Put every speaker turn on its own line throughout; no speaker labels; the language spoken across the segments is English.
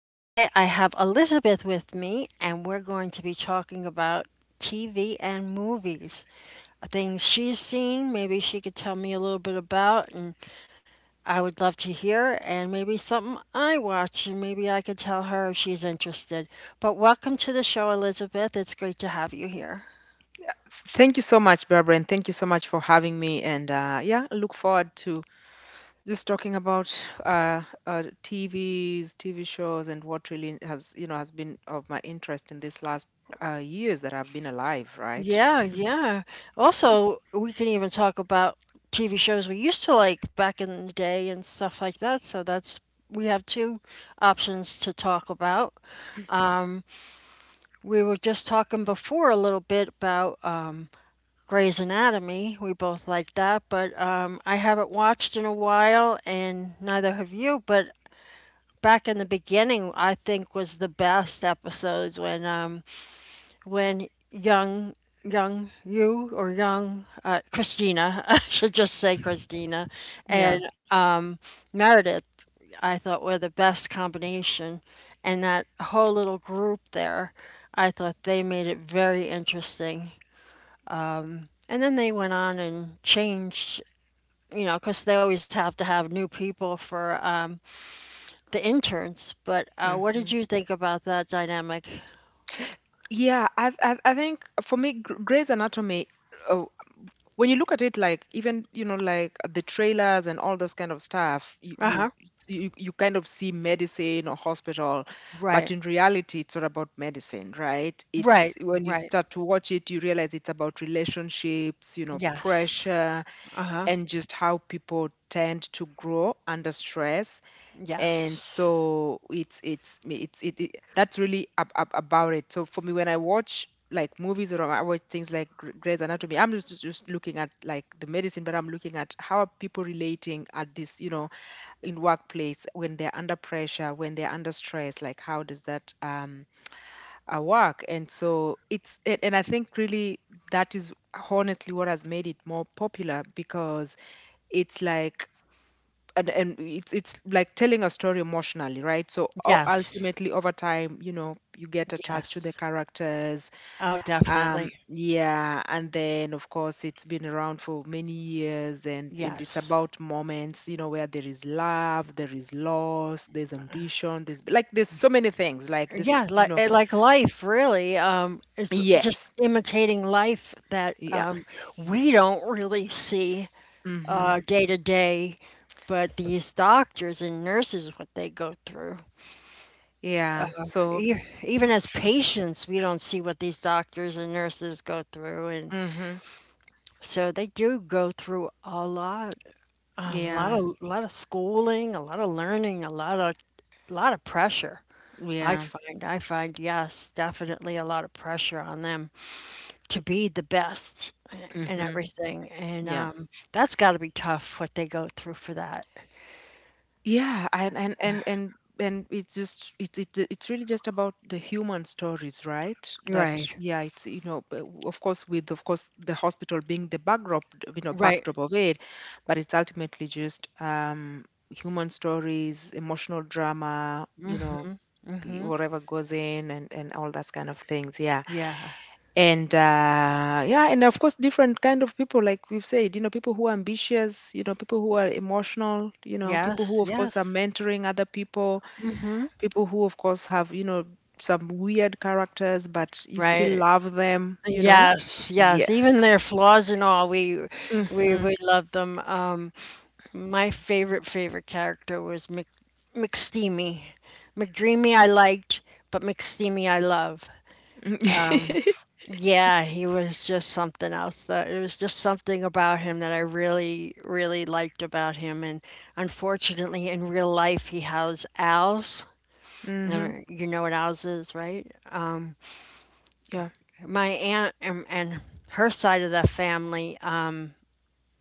Today I have Elizabeth with me and we're going to be talking about TV and movies. Things she's seen, maybe she could tell me a little bit about and I would love to hear and maybe something I watch and maybe I could tell her if she's interested. But welcome to the show, Elizabeth. It's great to have you here.
Thank you so much, Barbara, and thank you so much for having me. And yeah, look forward to just talking about TVs, TV shows, and what really has you know has been of my interest in these last years that I've been alive. Right?
Yeah, yeah. Also, we can even talk about TV shows we used to like back in the day and stuff like that. So that's we have two options to talk about. We were just talking before a little bit about Grey's Anatomy. We both like that, but I haven't watched in a while, and neither have you. But back in the beginning, I think was the best episodes when young young you or young Christina, I should just say Christina, and
Yeah.
um, Meredith, I thought were the best combination, and that whole little group there, I thought they made it very interesting. And then they went on and changed, you know, because they always have to have new people for the interns. But what did
Hmm.
you think about that dynamic?
Yeah, I think for me, Grey's Anatomy uh, when you look at it, like, even like the trailers and all those kind of stuff, you
Uh huh.
you you, you kind of see medicine or hospital. But
Right.
in reality, it's not about medicine, right? It's
Right.
when you
Right.
start to watch it, you realize it's about relationships,
Yes.
pressure,
Uh-huh.
and just how people tend to grow under stress. And
Yes.
so it's it, it that's really about it. So for me, when I watch like movies or I watch things like Grey's Anatomy, I'm just looking at like the medicine, but I'm looking at how are people relating at this, in workplace, when they're under pressure, when they're under stress. Like, how does that work? And so it's and I think really that is honestly what has made it more popular, because it's like and it's like telling a story emotionally, right? So u-
Yes.
ultimately over time, you get attached to the
Yes.
characters.
Oh, definitely.
Yeah. And then of course, it's been around for many years, and it's
Yes.
about moments, where there is love, there is loss, there's ambition, there's, so many things like this
Yeah,
you
like
know
like life, really. It's just
Yes.
imitating life that,
Yeah.
we don't really see,
Mm-hmm.
day to day, but these doctors and nurses, what they go through.
Yeah. So.
E Even as
tr-
patients, we don't see what these doctors and nurses go through, and
mm-hmm.
so they do go through a lot. Um, a lot
Yeah.
of a lot of schooling, a lot of learning, a lot of pressure.
Yeah.
I find yes, definitely a lot of pressure on them to be the best and
Mm-hmm.
everything, and
Yeah.
that's got to be tough what they go through for that.
Yeah, and it's really just about the human stories, right? That
Right.
Yeah, but of course with, of course the hospital being the backdrop, you know,
Right.
but it's ultimately just human stories, emotional drama, whatever goes in, and all that kind of things. Yeah.
Yeah.
And yeah, and of course, different kind of people, like we've said. People who are ambitious, people who are emotional, people who
Yes.
of course are
Yes.
mentoring other people who of course have, some weird characters, but you still
Right.
love them.
Yes. Yes.
yes.
Even their flaws and all, we
Mhm.
we love them. My favorite character was McSteamy. McDreamy I liked, but McSteamy I love. Yeah, he was just something else. That it was just something about him that I really liked about him. And unfortunately, in real life, he has owls.
Mhm.
You know what owls is, right?
Yeah.
My aunt and her side of the family,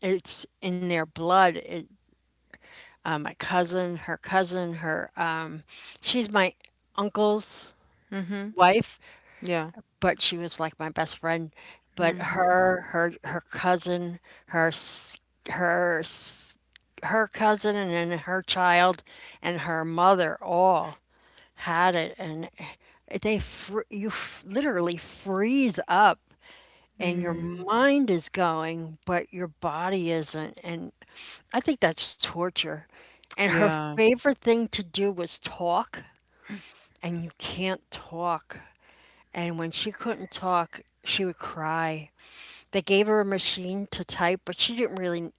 it's in their blood. My cousin, her cousin, her she's my uncle's
Mhm.
wife,
Yeah.
but she was like my best friend. But
Mhm.
her, her, her cousin, her, s- her, s- her cousin, and then her child, and her mother all had it, and you literally freeze up, and your
Mm.
mind is going, but your body isn't, and I think that's torture. And her
Yeah.
favorite thing to do was talk, and you can't talk and when she couldn't talk, she would cry. They gave her a machine to type, but she didn't really.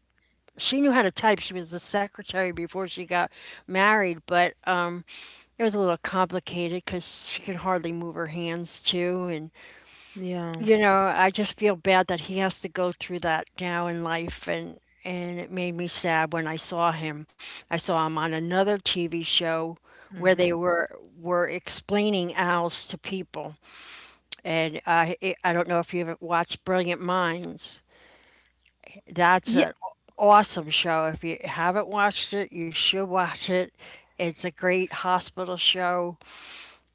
She knew how to type. She was the secretary before she got married, but it was a little complicated because she could hardly move her hands too. And
Yeah.
you know, I just feel bad that he has to go through that now in life, and it made me sad when I saw him. I saw him on another TV show where they
Mhm.
were were explaining owls to people and I don't know if you've ever watched Brilliant Minds. That's
Yeah.
an awesome show. If you haven't watched it, you should watch it. It's a great hospital show.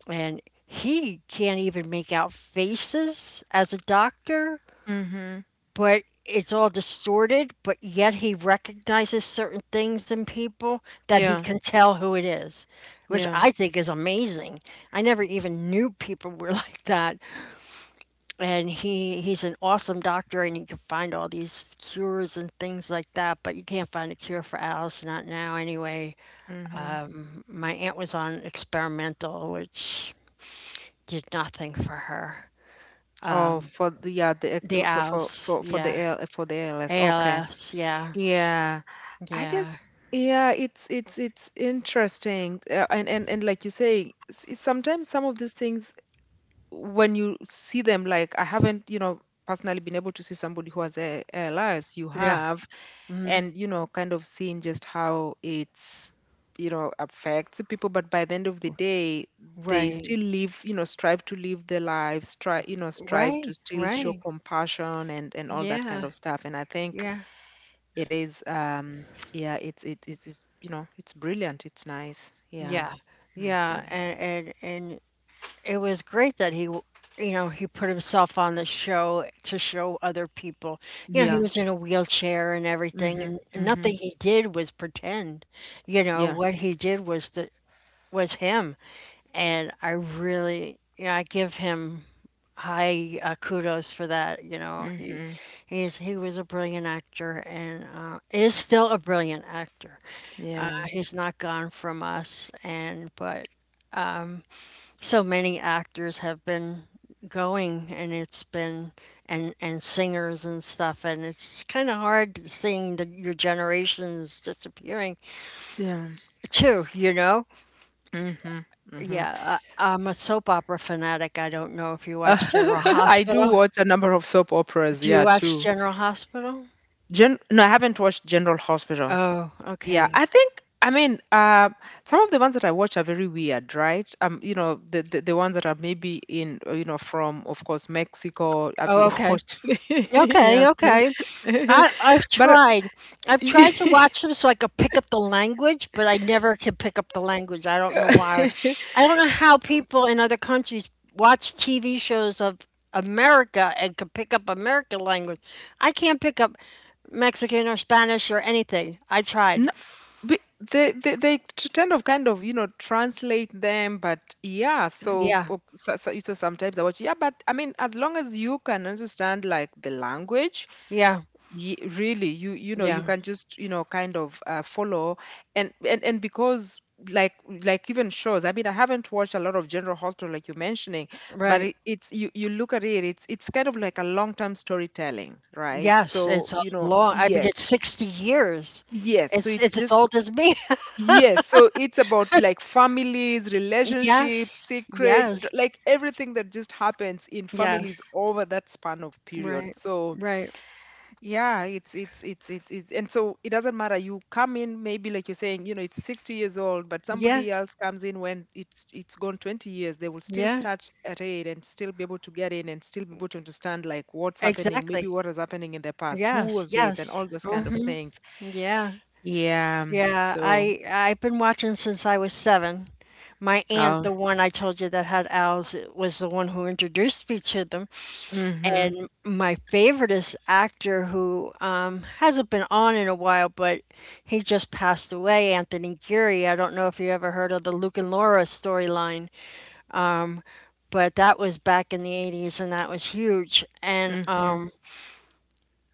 And he can't even make out faces as a doctor,
Mhm.
but it's all distorted, but yet he recognizes certain things in people that he
Yeah.
can tell who it is, which
Yeah.
I think is amazing. I never even knew people were like that. And he's an awesome doctor and he can find all these cures and things like that but you can't find a cure for alice, not now anyway.
Mhm.
My aunt was on experimental which did nothing for her.
Oh, for the yeah, the ex-
The alice, yeah.
For the LS. Okay.
Als, yeah.
Yeah. I
Yeah.
guess, yeah, it's interesting. And like you say, sometimes some of these things, when you see them, like, I haven't, personally been able to see somebody who has a ALS. You
Yeah.
have, and kind of seeing just how it's, affects people. But by the end of the day, they
Right.
still live, strive to live their lives, try you know strive to
Right.
still show
Right.
compassion and all that kind
Yeah.
of stuff. And I think
Yeah.
it is, yeah, it's it, it's you know it's brilliant, it's nice. Yeah.
Yeah.
Hmm.
Yeah and and, and it was great that you know, he put himself on the show to show other people. You know, he
Yeah.
was in a wheelchair and everything,
Hmm.
and
Hmm.
nothing he did was pretend. You know,
Yeah.
what he did was him, and I really, you know, I give him high kudos for that. You know, he
Hmm.
he's he was a brilliant actor and is still a brilliant actor.
Yeah.
He's not gone from us, and but so many actors have been going and it's been and singers and stuff and it's kind of hard seeing your generations disappearing
Yeah.
too, you know.
Mm-hmm. Mm-hmm.
Yeah, I, I'm a soap opera fanatic. I don't know if you watch General
I do
Hospital.
watch a number of soap operas,
Do you
yeah,
watch
too.
General Hospital?
Gen No, I haven't watched General Hospital.
Oh,
Yeah,
okay.
I think, I mean, some of the ones that I watch are very weird, right? The ones that are maybe in, from, of course, Mexico. Have
Oh,
you
okay.
watched?
Okay,
Yes.
okay. I I've
But
tried. I've tried to watch them so I could pick up the language, but I never can pick up the language. I don't know why. I don't know how people in other countries watch TV shows of America and can pick up American language. I can't pick up Mexican or Spanish or anything. I
no.
tried.
But kind of translate them, but yeah. So,
Yeah.
so sometimes I watch, yeah. But I mean, as long as you can understand like the language,
Yeah.
ye really, you know you
Yeah.
can just, kind of follow. And because, like, even shows, I mean, I haven't watched a lot of General Hospital like you're mentioning, but
Right.
it, it's you you look at it, it's kind of like a long-term storytelling, right?
Yes,
So,
it's a long I mean
yes.
it's 60 years.
Yes. So it's
It's as
just,
old as me.
yes, so it's about like families, relationships,
Yes.
secrets,
Yes.
like everything that just happens in families
Yes.
over that span of period.
Right.
So
Right.
yeah, it's and so it doesn't matter. You come in maybe like you're saying, it's 60 years old, but
Yeah.
somebody else comes in when it's gone 20 years. They will still
Yeah.
start at it and still be able to get in and still be able to understand like what's happening, maybe
Exactly.
what is happening in the past, who
Yes.
was this, and
Yes.
all those kind of
Hmm.
things.
Yeah.
Yeah.
Yeah.
So,
I've been watching since I was 7. My aunt,
uh,
the one I told you that had owls, was the one who introduced me to them.
mhm.
And my favorite is actor who hasn't been on in a while, but he just passed away, Anthony Geary. I don't know if you ever heard of the Luke and Laura storyline. But that was back in the 80s and that was huge and
Mhm,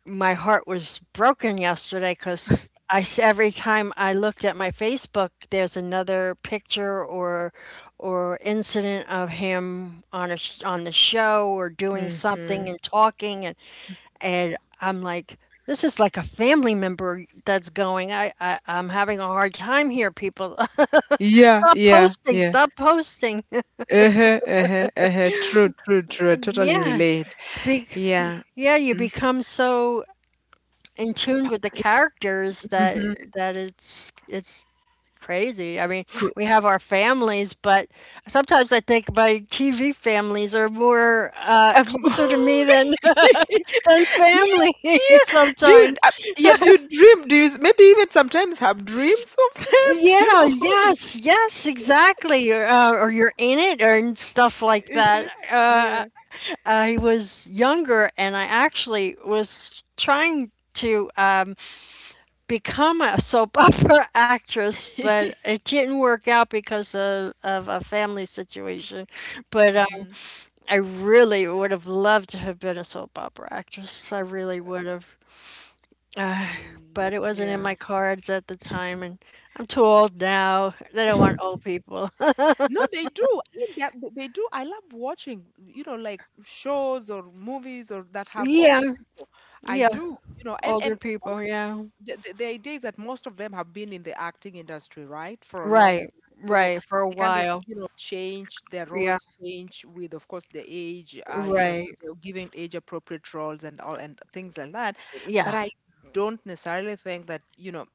my heart was broken yesterday because every time I looked at my Facebook there's another picture or incident of him on a on the show or doing
mhm.
something and talking and I'm like this is like a family member that's going. I'm having a hard time here, people.
Yeah,
Stop
yeah,
posting.
yeah.
Stop posting.
Uh-huh, uh-huh, uh-huh. True, true, true. I totally
Yeah.
relate.
Be-
Yeah.
yeah, you
Mm,
become so in tune with the characters that
mhm.
that it's crazy. I mean, we have our families, but sometimes I think my TV families are more
Um,
closer to me than
yeah,
than family
yeah. Do you,
sometimes.
uh, yeah, do you dream? Do you, maybe even sometimes, have dreams of them? You
Yeah,
know, who is.
yes, yes, exactly. Or you're in it or and stuff like that.
Uh-huh, yeah.
I was younger and I actually was trying to. Become a soap opera actress, but it didn't work out because of a family situation. But
Mm-hmm.
I really would have loved to have been a soap opera actress. I really would have. Uh,
Mm,
but it wasn't in
yeah.
my cards at the time, and I'm too old now. They don't want old people.
No, they do. I mean, they do. I love watching, like shows or movies or that have old
Yeah,
people. I
yeah,
do, and
older
of course,
people, yeah.
the idea is that most of them have been in the acting industry, right, for a long
Right,
time. So
right, for a
they kind of,
while.
change their
Yeah,
roles, change with, of course, the age, so
right.
they're giving age appropriate roles and all and things like that. But
Yeah,
I don't necessarily think that,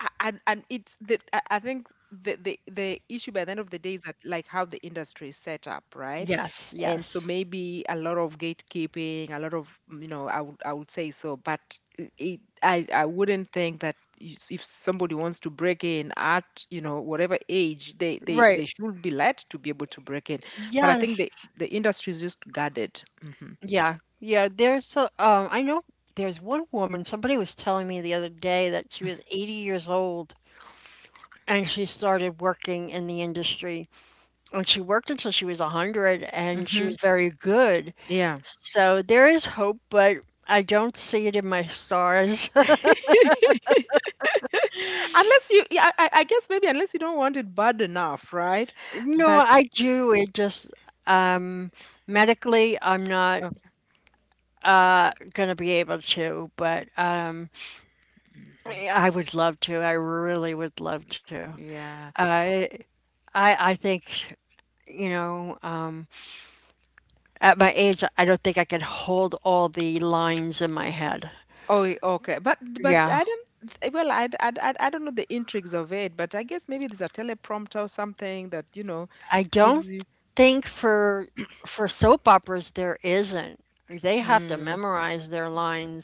and it's the I think the issue by the end of the day is that, like, how the industry is set up, right?
yes,
And so,
yes.
maybe, a lot of gatekeeping, a lot of, I would say so. But I- it, I wouldn't think that, if somebody wants to break in at, whatever age, they they,
Right,
they should be let to be able to break in. But I think
yes.
the industry is just guarded. Hmm.
Yeah, yeah. There's a, I know there's one woman, somebody was telling me the other day that she was 80 years old and she started working in the industry. And she worked until she was 100 and she
Hmm.
was very good.
Yeah.
So there is hope, but I don't see it in my stars.
unless you yeah, I, I guess, maybe, unless you don't want it bad enough, right?
No,
But
I do. It just, um, medically, I'm not
oh, mhm.
gonna be able to, but um, I would love to. I really would love to.
Yeah.
I I think, you know, at my age, I don't think I could hold all the lines in my head.
Oh, okay. But
Yeah.
I don't well, I, d- I, d- I d- I don't know the intrigues of it, but I guess maybe there's a teleprompter or something that,
I don't
gives you
think for soap operas there isn't. They have to
mm,
memorize their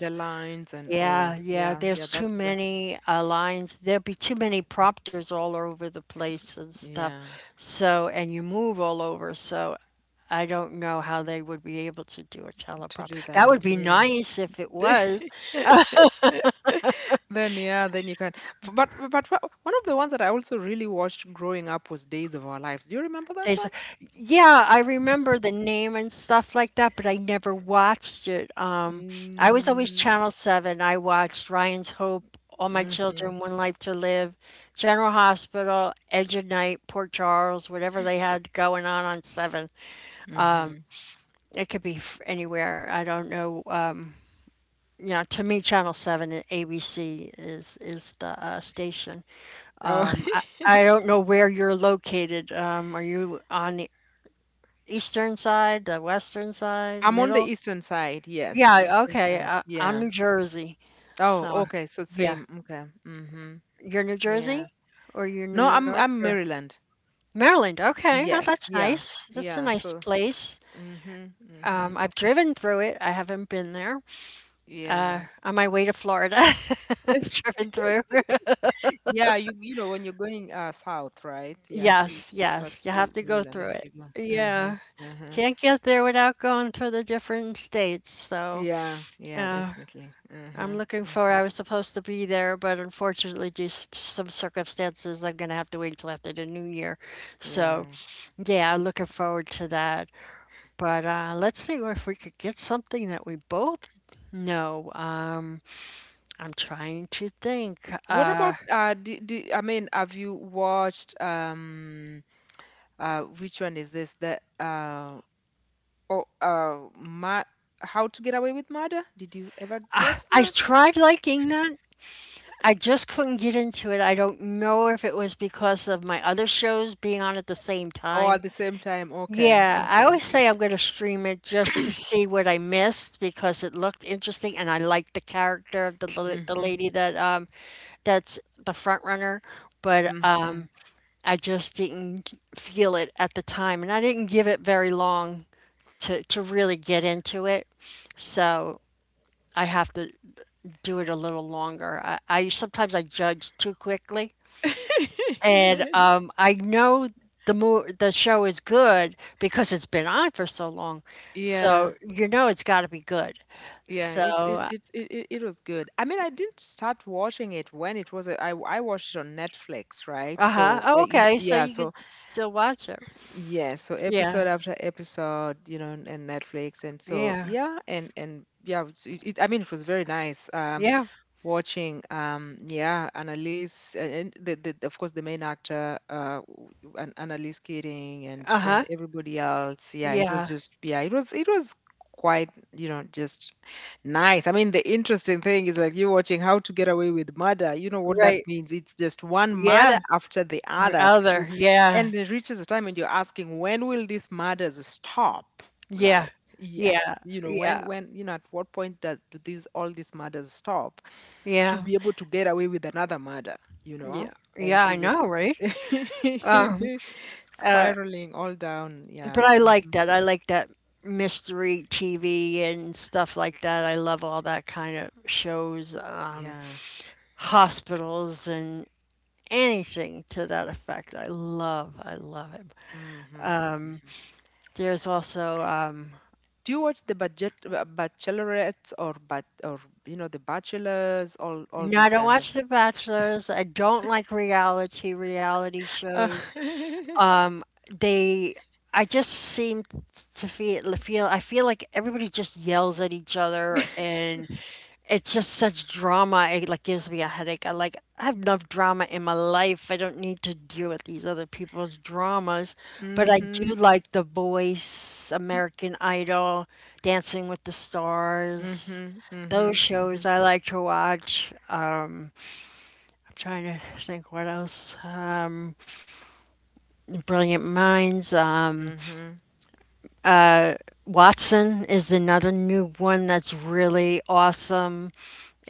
the lines and, oh,
Yeah, yeah,
yeah, yeah,
there's too
that's that.
many lines. There'll be too many prompters all over the place and stuff.
Yeah,
So, and you move all over. So, I don't know how they would be able to do a
to do
teleprompter. That would
that.
be
Yeah.
nice if it was.
Then yeah, then you can. But one of the ones that I also really watched growing up was Days of Our Lives. Do you remember that
There's
one?
a yeah, I remember the name and stuff like that, but I never watched it, I was always
Mm,
Channel 7, I watched Ryan's Hope, All My
mm-hmm,
Children, One Life to Live, General Hospital, Edge of Night, Port Charles, whatever they had going on 7.
mm-hmm.
It could be f anywhere, I don't know, you know, to me, Channel 7 and ABC is the, station.
Oh.
I don't know where you're located, are you on the Eastern side, the western side,
I'm on the
middle?
eastern side. Yes,
Yeah,
eastern
okay.
side.
I'm
Yeah.
New Jersey.
Oh,
So,
okay. So same.
yeah.
Okay. Mhm.
You're New
Yeah.
Jersey or you're
No,
New
I'm
York
I'm
or
Maryland.
Maryland. Okay. Oh,
Yes.
that's
Yeah.
nice. That's a
Yeah.
nice
So.
place.
Mhm. Mhm.
I've driven through it. I haven't been there.
Yeah.
On my way to Florida, I've driven through.
Yeah. You know when you're going south, right? Yeah. So you
Yes,
go pass
yes. You have
through
to go
Maryland
through
as
it.
you go. Uh huh.
Yeah.
Uh huh.
Can't get there without going through the different states. So,
Yeah. Yeah.
uh,
Definitely. Uh
I'm
huh.
looking
Uh
forward.
huh.
I was supposed to be there, but unfortunately, due to some circumstances, I'm gonna have to wait till after the new year. So,
Yeah.
yeah, I'm looking forward to that. But let's see if we could get something that we both know. I'm trying to think.
What about, I mean, have you watched, which one is this? Oh, uh, Ma- How to Get Away with Murder? Did you ever watch
I
that?
tried liking that. I just couldn't get into it. I don't know if it was because of my other shows being on at the same
Oh,
time.
at the same time. Okay,
Yeah, I
okay.
always say I'm going to stream it just to see what I missed because it looked interesting and I liked the character of the
Mm-hmm.
lady that that's the front runner, but
Mm-hmm.
I just didn't feel it at the time and I didn't give it very long to really get into it. So I have to do it a little longer. I sometimes I judge too quickly. And I know the show is good because it's been on for so long,
Yeah,
so you know it's got to be good.
yeah. It it
So,
it it it it was good. I mean, I didn't start watching it when it was. I watched it on Netflix, right?
uh huh.
So uh,
Oh,
it,
okay. So
yeah,
you could
so
still watch it.
yeah, so episode
Yeah.
after episode, you know, and Netflix, and so
Yeah.
yeah, and yeah, I mean, it was very nice.
Yeah.
Watching, yeah, Annalise, and the, of course the main actor, and Annalise Keating, and
Uh
and
huh.
everybody else. Yeah, it was
Yeah.
just, yeah, it was quite, just nice. I mean, the interesting thing is, like, you watching How to Get Away with Murder. You know what that
Right.
means? It's just one
Yeah.
murder after the
Or
other,
Other.
too,
Yeah.
and it reaches a time and you're asking, when will these murders stop?
Yeah.
Like,
Yeah.
yes, you know,
Yeah.
when, at what point does do these all these murders stop, to
Yeah.
be able to get away with another murder, you know?
Yeah.
And
Yeah,
she's
I
just
know, right? Um. Uh.
spiraling all down. Yeah.
But I
Hmm.
like that. I like that mystery TV and stuff like that. I love all that kind of shows,
Yeah.
hospitals and anything to that effect. I love it.
Hmm.
There's also,
Do you watch the budget bachelorettes or, you know, the bachelors, all
no, I
those
don't
kind of?
watch The Bachelors. I don't like reality
Uh,
shows. Um, they, I just seem to feel like everybody just yells at each other and it's just such drama. It like gives me a headache. I like I have enough drama in my life. I don't need to deal with these other people's dramas. But I
hmm.
do like The Voice, American Idol, Dancing with the Stars.
Mm-hmm. Hmm.
Those shows I like to watch. I'm trying to think what else. Brilliant Minds.
Hmm.
Uh, Watson is another new one that's really awesome.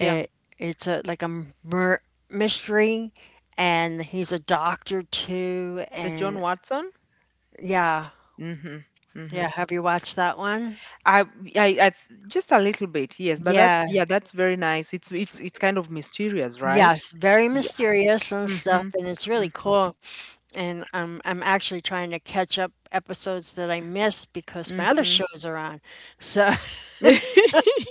Yeah.
it's a like a mur mystery, and he's a doctor too.
The John
And
Watson.
yeah,
Hmm. Hmm.
yeah. Have you watched that one?
I, I, I just a little bit, yes, but that's,
Yeah,
very nice. It's kind of mysterious, right?
yes, very
Yes.
mysterious and stuff,
Mm-hmm.
and it's really
Mm-hmm.
cool. And I'm actually trying to catch up episodes that I missed because my other
Mm-hmm.
shows are on. So,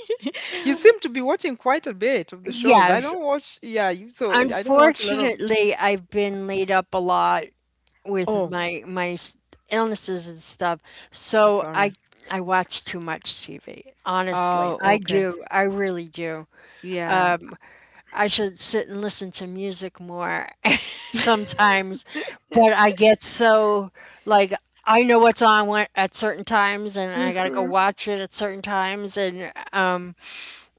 You seem to be watching quite a bit of the shows. I
yes,
don't watch, so I don't watch a lot of.
unfortunately, I've been laid up a lot with
Oh,
my illnesses and stuff. So I
sorry.
I watch too much TV. Honestly,
Oh,
I
okay.
do. I really do.
Yeah.
I should sit and listen to music more sometimes, but I get so like I know what's on when, at certain times, and I gotta go watch it at certain times, and um,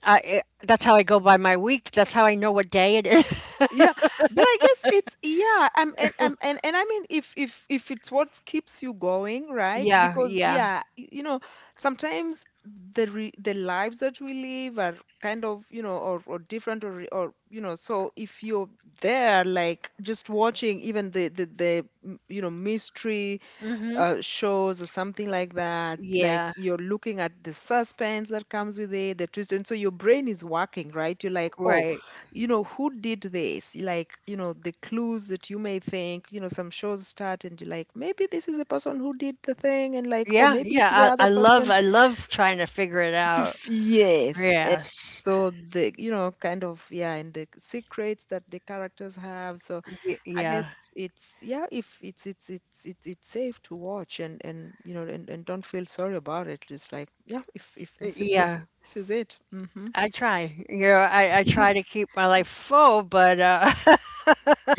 I it, that's how I go by my week. That's how I know what day it is.
Yeah, but I guess it's yeah, and and I mean, if it's what keeps you going, right?
Yeah,
Because
yeah,
yeah, you know, sometimes the lives that we live are kind of, you know, or different, or, you know, so if you're there like just watching even you know, mystery
mm-hmm.
shows or something like that. Like,
Yeah,
you're looking at the suspense that comes with it, the twist, and so your brain is working, right? You're like, oh,
right.
you know, who did this? Like, you know, the clues that you may think, you know, some shows start and you're like, maybe this is the person who did the thing, and like, oh,
Yeah,
maybe it's the
yeah, I
other
I love
person.
I love trying to figure it out.
Yes. And
Yes.
so the, you know, kind of, yeah, and the secrets that the characters have. So
Y
I guess
Yeah.
it's yeah, if it's safe to watch and you know and don't feel sorry about it. Just like yeah, if this is
Y
it,
Yeah.
this is it. Mm-hmm.
I try. You know, I try to keep my life full, but,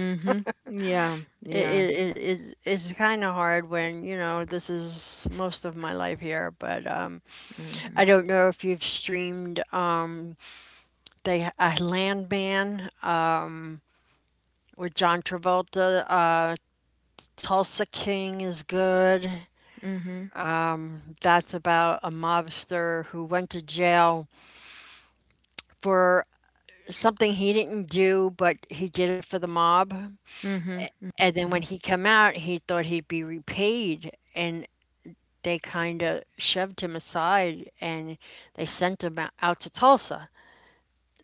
Mm-hmm. Yeah.
it
Yeah.
it it it's it's kinda hard when, you know, this is most of my life here, but,
Mm-hmm.
I don't know if you've streamed, they Landman, with John Travolta, Tulsa King is good.
Mm-hmm.
That's about a mobster who went to jail for something he didn't do, but he did it for the mob.
Mm-hmm. Mm-hmm.
And then when he came out, he thought he'd be repaid, and they kind of shoved him aside and they sent him out to Tulsa.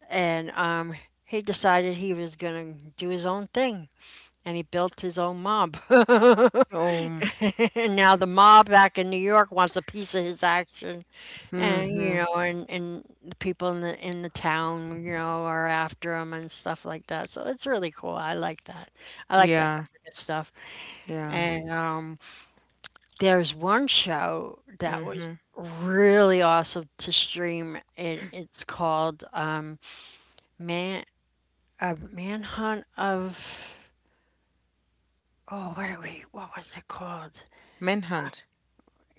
And he decided he was gonna do his own thing, and he built his own mob.
Oh.
And now the mob back in New York wants a piece of his action, and you
Mm-hmm.
know, and the people in the town, you know, are after him and stuff like that. So it's really cool. I like that. I like that
Yeah.
kind of stuff.
Yeah.
And there's one show that was
Mm-hmm.
really awesome to stream. It's called Man Manhunt of oh wait wait what was it called?
Manhunt.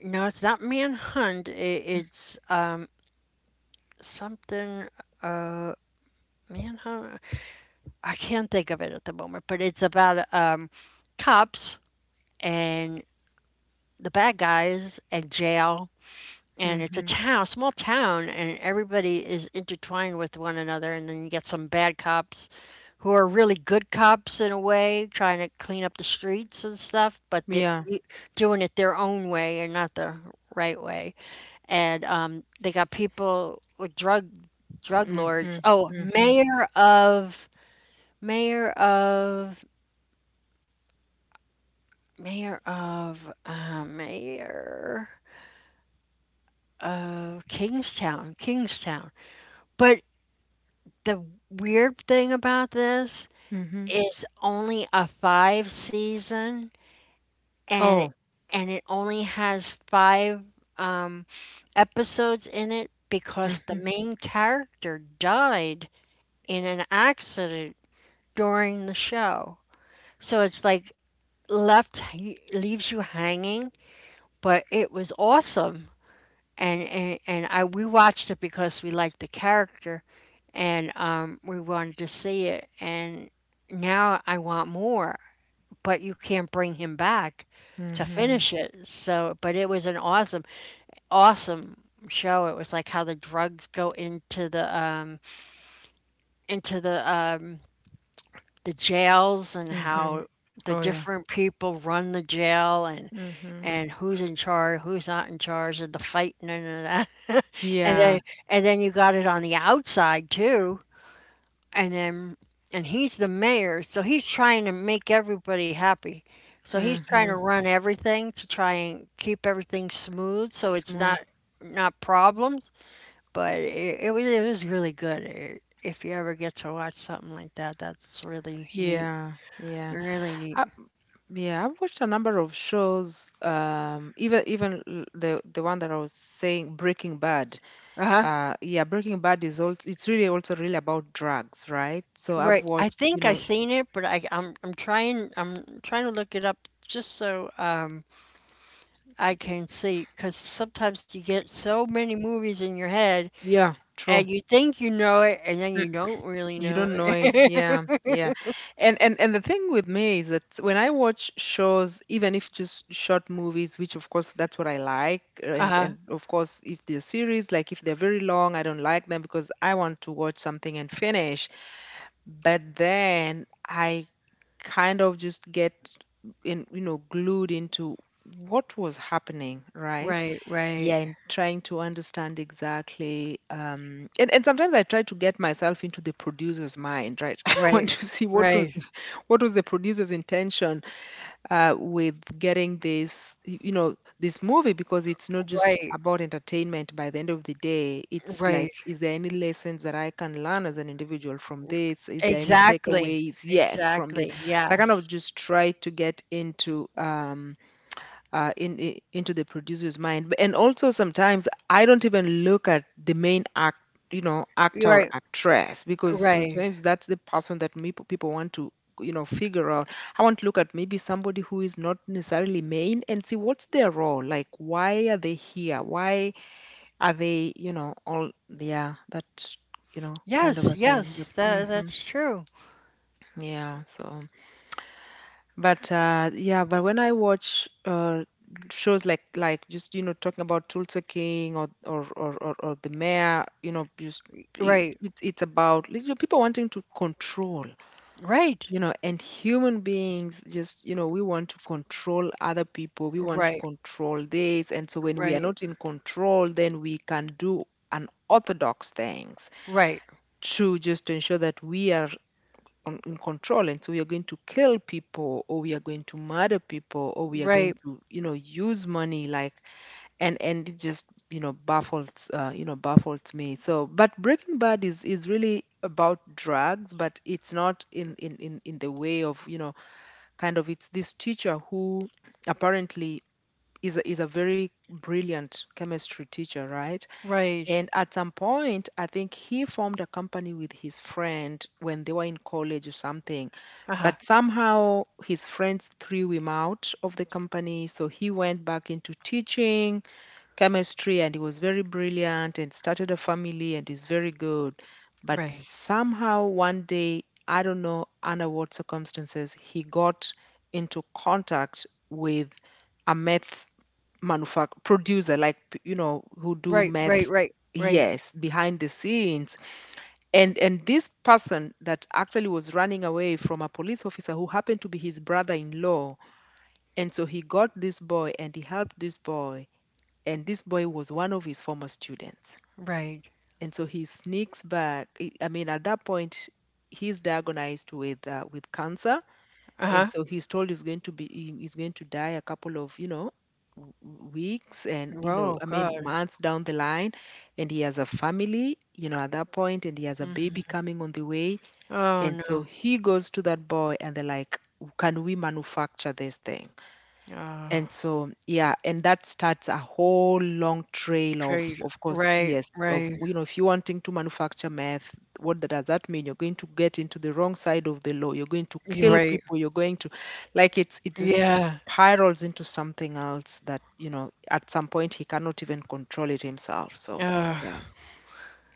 No, it's not Manhunt. It's something man, I, I can't think of it at the moment, but it's about cops and the bad guys and jail. And it's a
Mm-hmm.
town, small town, and everybody is intertwined with one another. And then you get some bad cops who are really good cops in a way, trying to clean up the streets and stuff, but
Yeah.
doing it their own way and not the right way. And they got people with drug
Mm-hmm.
lords. Oh,
Mm-hmm.
Mayor of mayor of Kingstown. But the weird thing about this
Mm-hmm.
is only a five season and
Oh.
and it only has five um, episodes in it because
Mm-hmm.
the main character died in an accident during the show. So it's like left leaves you hanging, but it was awesome. And I we watched it because we liked the character, and we wanted to see it. And now I want more, but you can't bring him back to
Mm-hmm.
finish it. So, but it was an awesome, awesome show. It was like how the drugs go into the into the um, the jails and
Mm-hmm.
how the
Oh yeah.
different people run the jail
Mm-hmm.
and who's in charge, who's not in charge, and the fighting and all that. And then
Yeah.
and then you got it on the outside too. And then and he's the mayor, so he's trying to make everybody happy. So he's
Mm-hmm.
trying to run everything to try and keep everything smooth, so it's
Small.
not not problems. But it was really good. It, if you ever get to watch something like that, that's really neat.
Yeah, yeah.
Really
I,
neat.
yeah, I've watched a number of shows. The one that I was saying, Breaking Bad.
Uh-huh.
Yeah, Breaking Bad is also it's really also really about drugs, right? So I've
Right. I
watched, you
think I
know,
seen it, but I'm trying I'm trying to look it up just so I can see because sometimes you get so many movies in your head
yeah, true.
and you think you know it and then you don't really
You
know
don't know
it.
it. Yeah, yeah. And the thing with me is that when I watch shows, even if just short movies, which of course that's what I like, and
Uh-huh.
and of course if they're series, like if they're very long, I don't like them because I want to watch something and finish. But then I kind of just get in, you know, glued into what was happening, right?
Right, right.
Yeah, and trying to understand exactly. And sometimes I try to get myself into the producer's mind, right? I want
Right.
to see
Right.
what was the producer's intention with getting this, you know, this movie because it's not just
Right.
about entertainment. By the end of the day, it's
Right.
like, is there any lessons that I can learn as an individual from this? Is there any
Exactly.
takeaways? Yes, from this.
Exactly.
So I kind
Yes.
of just try to get into. In, I into the producer's mind. And also sometimes I don't even look at the main act, you know, actor or
Right.
actress because
Right.
sometimes that's the person that people want to, you know, figure out. I want to look at maybe somebody who is not necessarily main and see what's their role, like why are they here, why are they, you know, all, yeah, that, you know, kind of a
Yes,
thing. But
yes.
hmm,
That that's true.
yeah. So but yeah, but when I watch shows like just, you know, talking about Tulsa King, or the mayor, you know, just
Right.
it's about, you know, people wanting to control,
Right.
you know. And human beings just, you know, we want to control other people, we want to
Right.
control this, and so when we are
Right.
not in control, then we can do unorthodox things
Right,
to just ensure that we are in control. And so we are going to kill people, or we are going to murder people, or we are going
right,
to, you know, use money, like. And it just, you know, baffles, you know, baffles me. So but Breaking Bad is really about drugs, but it's not in the way of, you know, kind of. It's this teacher who apparently is a very brilliant chemistry teacher, right?
rage.
And at some point, I think he formed a company with his friend when they were in college or something.
Uh-huh.
But somehow his friends threw him out of the company. So he went back into teaching chemistry, and he was very brilliant and started a family and is very good. But
Rage.
somehow one day, I don't know under what circumstances, he got into contact with a meth manufacturer producer, like, you know, who do
Right, right,
meth.
right, right,
Yes, behind the scenes, and this person that actually was running away from a police officer who happened to be his brother-in-law, and so he got this boy and he helped this boy, and this boy was one of his former students.
rage.
And so he sneaks back, I mean, at that point he's diagnosed with cancer, and
Uh-huh.
so he's told he's going to die a couple of, you know, weeks, and, you know,
Oh
I mean
God.
months down the line. And he has a family, you know, at that point, and he has a baby coming on the way.
Oh
And so
no.
he goes to that boy and they're like, can we manufacture this thing? And
Oh,
so, yeah, and that starts a whole long trail
rage.
of course,
Right,
yes, of,
right.
you know, if you're wanting to manufacture meth, what does that mean? You're going to get into the wrong side of the law. You're going to
You're
kill
right.
people. You're going to, like, it just, it
Yeah.
spirals into something else that, you know, at some point he cannot even control it himself. So,
Uh,
yeah.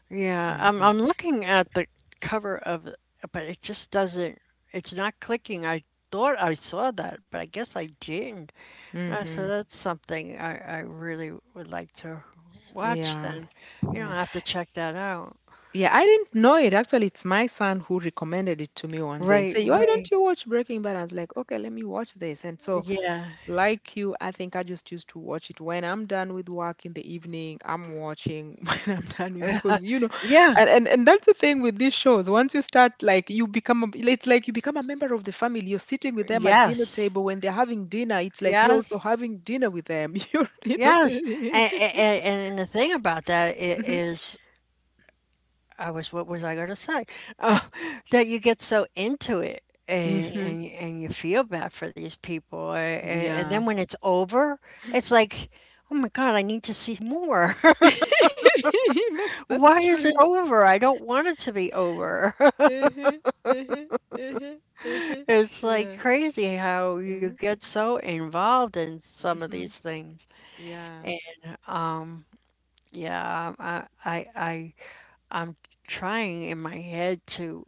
yeah. I'm
hmm
I'm looking at the cover of it, but it just doesn't. It's not clicking. I thought I saw that, but I guess I didn't. So
hmm
that's something I really would like to watch.
Yeah.
Then, you know, I
Yeah.
have to check that out.
Yeah, I didn't know it. Actually, it's my son who recommended it to me one day and
Right,
say, "Why
right.
don't you watch Breaking Bad?" I was like, "Okay, let me watch this." And so,
Yeah.
like you, I think I just used to watch it when I'm done with work in the evening. I'm watching when I'm done with because, you know,
Yeah.
and that's the thing with these shows. Once you start, like, you it's like you become a member of the family. You're sitting with them at dinner
Yes.
table when they're having dinner. It's like you're also
Yes.
having dinner with them. You're, you know,
Yes.
the,
And, and, and the thing about that i- is, I was, what was I going to say? Oh, that you get so into it
hmm hmm
and you feel bad for these people. And then
yeah.
when it's over, it's like, oh my God, I need to see more.
that's that's
Why is it
true.
over? I don't want it to be over.
Uh-huh, uh-huh, uh-huh, uh-huh.
It's
Yeah.
like crazy how you
Mm-hmm.
get so involved in some of
mm-hmm,
these things.
Yeah.
Um, yeah, I'm trying in my head to.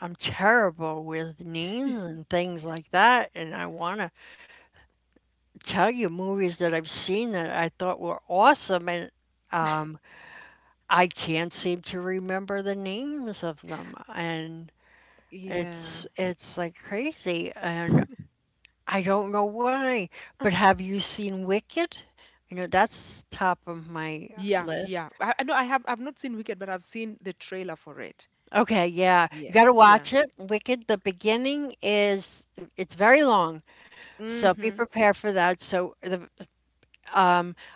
I'm terrible with names and things like that, and I want to tell you movies that I've seen that I thought were awesome, and um, I can't seem to remember the names of them, and
Yeah.
it's like crazy, and I don't know why.
Uh,
But have you seen Wicked? You know, that's top of my
Yeah, yeah.
list.
I know I've not seen Wicked, but I've seen the trailer for it.
Okay, yeah. You got to
Yes. Yeah.
watch it. Wicked, the beginning is it's very long, so be
Mm-hmm.
prepared for that. So the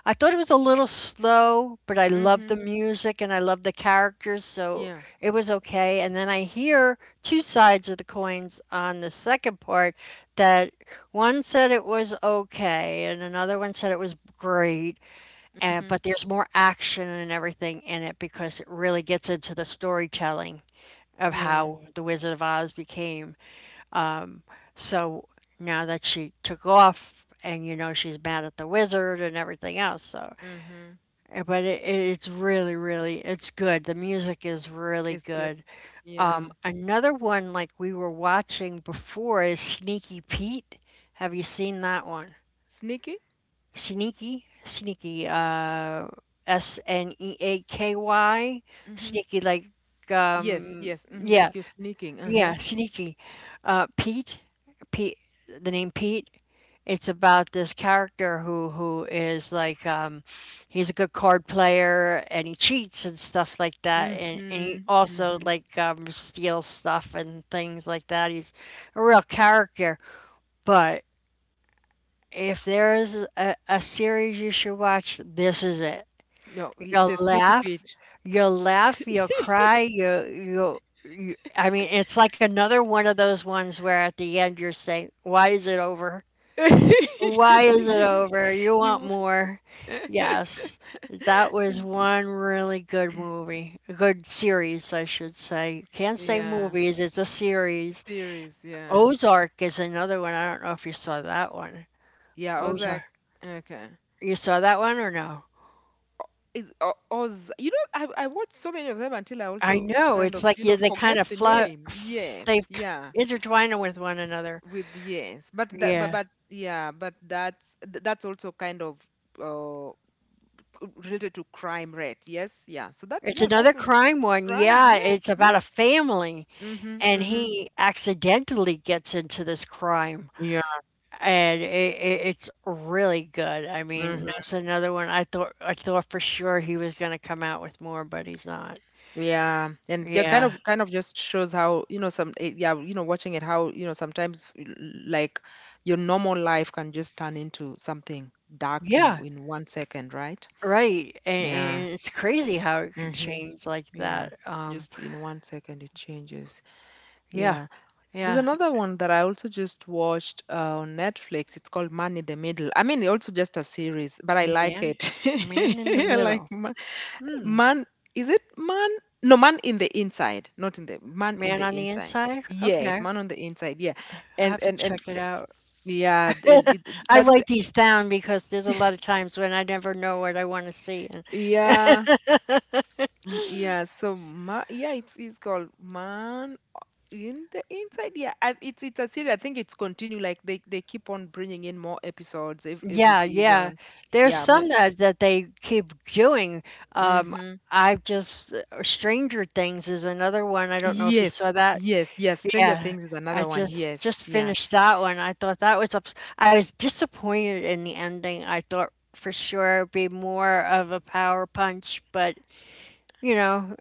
I thought it was a little slow, but I loved
Mm-hmm.
the music and I loved the characters, so
Yeah.
it was okay. And then I hear two sides of the coins on the second part that one said it was okay and another one said it was great.
Mm-hmm.
And, but there's more action and everything in it because it really gets into the storytelling of
Yeah.
how the Wizard of Oz became. So now that she took off and you know she's mad at the wizard and everything else, so
Mm-hmm.
But it, it's really, really, it's good. The music is
It's
really
good.
good.
Yeah.
Another one like we were watching before is Sneaky Pete. Have you seen that one?
Sneaky?
Sneaky, Sneaky, Sneaky,
Mm-hmm.
Sneaky like
Yes,
um
yes. hmm Like,
yeah.
you're sneaking. Uh-huh.
Yeah, sneaky. Uh, Pete, Pete, the name Pete. It's about this character who is like he's a good card player and he cheats and stuff like that, and he
Mm-hmm.
also
Mm-hmm.
like steals stuff and things like that. He's a real character. But if there is a series you should watch, this is it.
No,
You'll
the sneaky
laugh,
bit.
you'll laugh, you'll cry, I mean, it's like another one of those ones where at the end you're saying, why is it over? Why is it
you
over? You want
you
more. Yes, that was one really good movie, a good series, I should say. You can't say
yeah,
movies, it's a series.
series, yeah,
Ozark is another one. I don't know if you saw that one.
yeah. Ozark.
Ozark.
Okay.
You saw that one or no?
is O- Oz you know, I watched so many of them until I
I
also
know.
kind
It's
of,
like
you
yeah,
know,
they kind
forget
of
the
fly,
name. Yes,
they k-
yeah.
intertwine them with one another.
With yes, but that, but
Yeah.
but yeah, but that's that's also kind of, uh related to crime rate. Yes, yeah, so that,
It's
yeah, that
another
was
crime one.
crime.
Yeah,
Yes,
it's about
yes.
a family,
Mm-hmm,
and
mm-hmm,
he accidentally gets into this crime,
yeah,
and it's really good. I mean,
mm-hmm.
that's another one. I thought for sure he was going to come out with more, but he's not.
Yeah, and yeah, kind
Yeah,
of, kind of just shows how, you know, some, yeah, you know, watching it, how, you know, sometimes like your normal life can just turn into something dark in
yeah,
in one second, right?
right. And,
Yeah.
and it's crazy how it could
Mm-hmm.
change like
Yeah.
that.
Just in one second it changes.
Yeah,
Yeah. There's
yeah.
another one that I also just watched on Netflix. It's called Man in the Middle. I mean, also just a series, but I like
Man,
it.
man in the
I like.
middle. Hmm.
Man, is it man? No, man in the inside, not in the man in
Man
the
on the
inside.
inside?
Yes,
Okay.
man on the inside. Yeah,
I'll
and
have to
and and
check it out.
yeah,
I
that's
write these down because there's a lot of times when I never know what I want to see. And
yeah, yeah. So yeah, it's called man in the inside. Yeah, it's a series. I think it's continue, like they keep on bringing in more episodes every
yeah, yeah.
season.
There's
Yeah.
some that they keep doing. Um,
Mm-hmm.
I just, Stranger Things is another one. I don't know if you saw
Yes.
that.
Yes. Yes. Stranger
Yeah,
Things is
I
another one.
just
Yes.
just
Yeah.
finished that one. I thought that was ups I was disappointed in the ending. I thought for sure it'd be more of a power punch, but you know,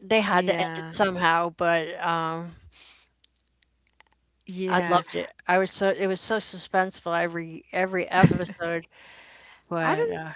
they had to end it
Yeah.
somehow, but I
Yeah.
loved it. I was so it was so suspenseful every episode,
I
but
don't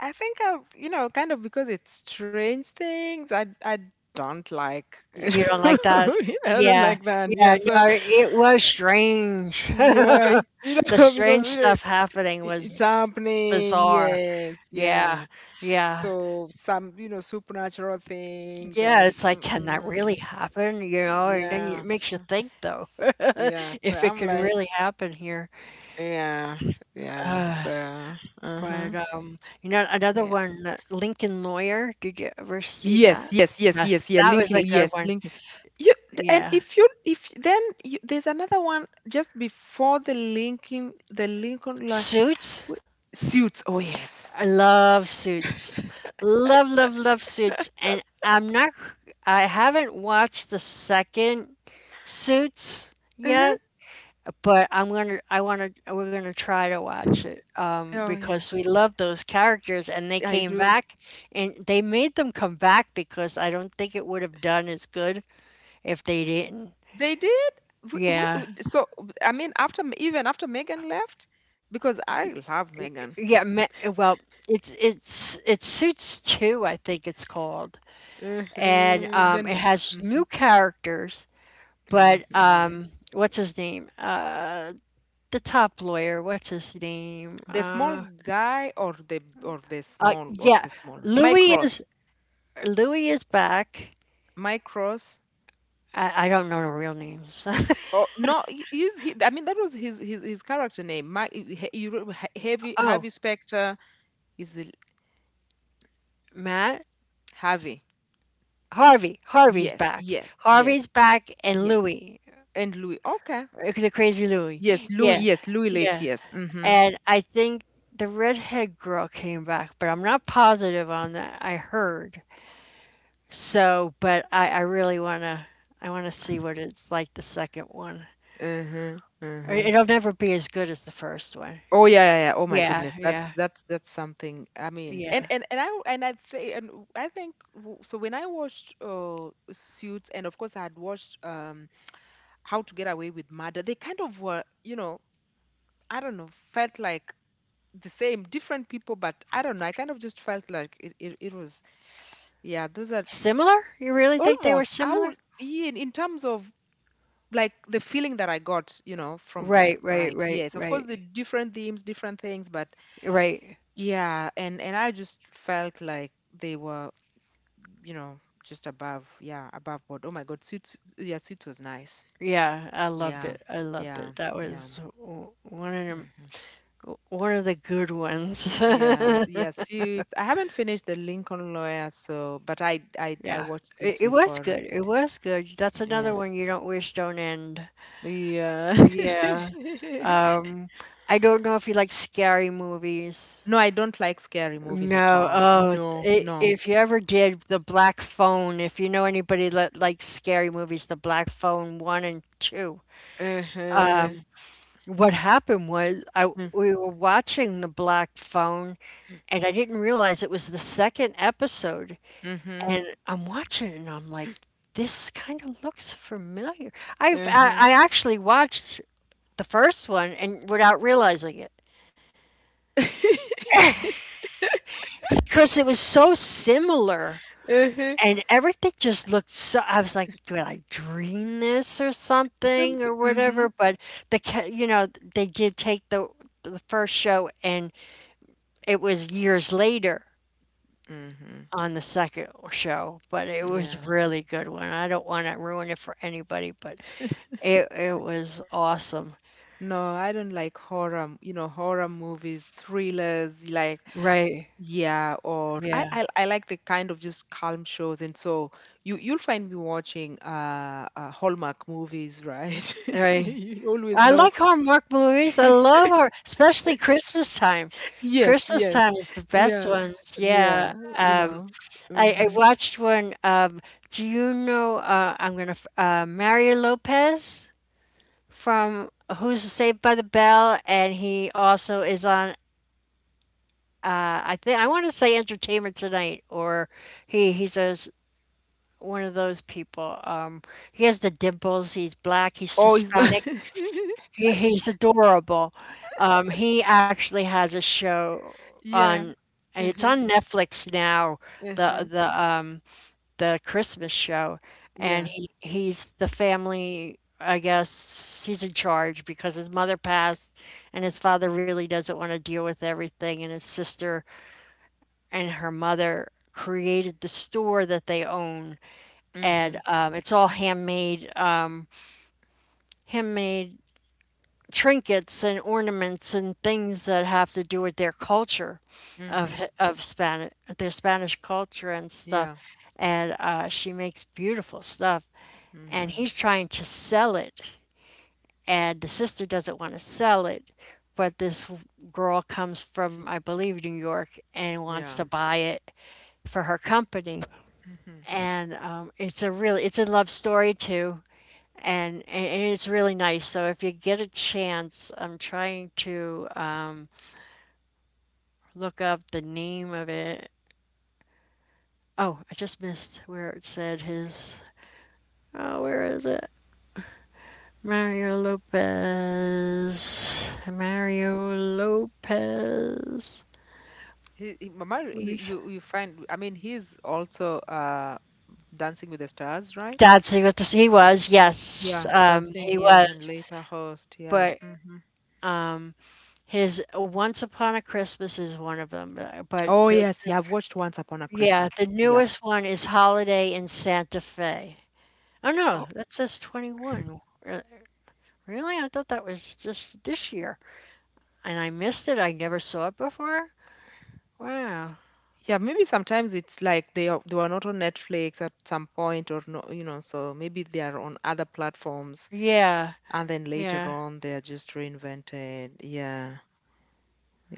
I think you know, kind of because it's strange things. I don't like, you
you don't
know,
like that?
I don't
Yeah,
like that.
yeah,
Yeah.
no,
So
it was strange.
yeah, it, you
The
know, because
strange
you know.
stuff happening
It's
was
happening,
bizarre.
yes,
Yeah,
yeah.
yeah,
So some, you know, supernatural things
yeah.
and
It's like, can that really
mm-mm,
happen? You know, and then it makes
yes,
you think though,
yeah. So
if it
I'm
could
like,
really happen here.
yeah, yeah.
Uh,
So,
but
uh-huh,
you know, another
yeah.
one, Lincoln Lawyer. Did you ever see that?
Yes, yes, yes,
Yes,
yes, yeah.
that was
Linking,
a good
yes,
one.
linking. You and
Yeah,
if then you, there's another one just before the linking, the Lincoln line.
Suits.
Suits. Oh yes.
I love Suits. Love, love, love Suits. And I'm not, I haven't watched the second Suits
Uh-huh.
yet, but I'm gonna, I wanna, we're gonna try to watch it
Oh yeah,
because we love those characters and they
I
came
do.
back and they made them come back because I don't think it would have done as good if they didn't.
They did.
Yeah.
So I mean, after even after Megan left, because I love Megan.
Yeah. me- Well, it's Suits 2, I think it's called. And
Uh-huh. Then
it
me.
has
Mhm,
new characters. But
mhm.
what's his name? The top lawyer. What's his name?
The small guy, or
Yeah,
the small Mike
Louis is
Ross.
Louis is back.
Mike Ross.
I don't know the real names.
Oh no, I mean, that was his character name. You remember Harvey
oh,
Harvey Specter is the
Matt
Harvey.
Harvey. Harvey's
Yes,
back.
yes, yes,
Harvey's back, and
yes.
Louis,
And Louis. Okay.
the crazy Louis.
Yes, Louis.
Yeah,
Yes, Louis Late.
yeah.
Yes. Mm-hmm.
And I think the redhead girl came back, but I'm not positive on that. I heard. So, I really wanna I wanna see what it's like the second one.
Mm-hmm.
I
Mm-hmm.
it'll never be as good as the first one.
Oh yeah, yeah, yeah. Oh my
Yeah,
goodness, that's
yeah,
that's that's something. I mean,
yeah.
and I think and w- I think w- so. When I watched Suits, and of course I had watched How to Get Away with Murder, they kind of were, you know, I don't know, felt like the same, different people, but I don't know. I kind of just felt like it was, yeah, those are
Similar? You really think they were
almost, I will,
similar?
in terms of like the feeling that I got, you know, from
Right,
them,
right,
right?
right,
Yes, of course, the
right,
different themes, different things, but
right.
yeah, and I just felt like they were, you know, just above, yeah, above board. Oh my God, suits, yeah, suits was nice.
Yeah, I loved
Yeah,
it. I loved
yeah,
it.
yeah. Mm-hmm.
One of the good ones.
Yeah, yeah, Suits. I haven't finished The Lincoln Lawyer, so but I
Yeah.
watched
It
Suits
it was
before
good. It
it.
was good. That's another
Yeah.
one you don't wish don't end.
Yeah.
Yeah. Um, I don't know if you like scary movies.
No, I don't like scary movies at
No,
all.
oh,
No,
I
no.
if you ever did the Black Phone, if you know anybody that likes scary movies, the Black Phone one and two.
Uh-huh.
What happened was I
Mm,
we were watching the Black Phone, and I didn't realize it was the second episode.
mhm,
And it and I'm like, this kind of looks familiar.
uh-huh.
I actually watched the first one and without realizing it because it was so similar.
Uh-huh.
And everything just looked so I was
S-
like, did I dream this or something
Something.
or
Mm-hmm.
whatever, but you know, they did take the first show, and it was years later
Mm-hmm.
on the second show, but it was a
Yeah.
really good one. I don't want to ruin it for anybody, but it was awesome.
No, I don't like horror, you know, horror movies, thrillers, like
Right,
yeah. Or I,
yeah,
I like the kind of just calm shows, and so you'll find me watching Hallmark movies, right?
right.
You always
I
know.
like Hallmark movies. I love her, especially Christmas time.
Yes,
Christmas
yes,
time is the best
yeah,
ones, yeah.
yeah, you
Um,
know.
I
Mm-hmm.
watched one. Do you know? Mario Lopez from Who's Saved by the Bell, and he also is on. I think I want to say Entertainment Tonight, or he he's a s one of those people. He has the dimples. He's black. He's
Oh, it's
Hispanic. He's adorable. He actually has a show
yeah,
on. It's
uh-huh,
on Netflix now. The
uh-huh,
the um the Christmas show, and
yeah,
he's the family. I guess he's in charge because his mother passed, and his father really doesn't want to deal with everything. And his sister and her mother created the store that they own,
mm-hmm,
and it's all handmade, handmade trinkets and ornaments and things that have to do with their culture
mm-hmm,
of Spanish their Spanish culture and stuff.
yeah,
And she makes beautiful stuff, and
mm-hmm,
he's trying to sell it, and the sister doesn't want to sell it, but this girl comes from, I believe, New York and wants to
yeah.
buy it for her company.
Mm-hmm.
And it's a love story too, and it's really nice. So if you get a chance, I'm trying to look up the name of it. Oh, I just missed where it said his. Oh, where is it? Mario Lopez.
He, Mamar, you
Where's-
you find, I mean, he's also Dancing with the Stars, right?
Dancing with the Stars? He was,
Yeah,
yes,
dancing.
he
Yeah, and
was.
later host. Yeah.
But
Hmm.
Um, His Once Upon a Christmas is one of them,
Oh yes, yeah. I've watched Once Upon a
yeah,
Christmas.
the
Yep.
newest one is Holiday in Santa Fe. Oh no,
Oh,
that says 21. Really? I thought that was just this year. And I missed it. I never saw it before. Wow.
yeah. Maybe sometimes it's like they are, they were not on Netflix at some point, or no, you know. So maybe they are on other platforms,
Yeah.
and then later
Yeah.
on they are just reinvented. Yeah.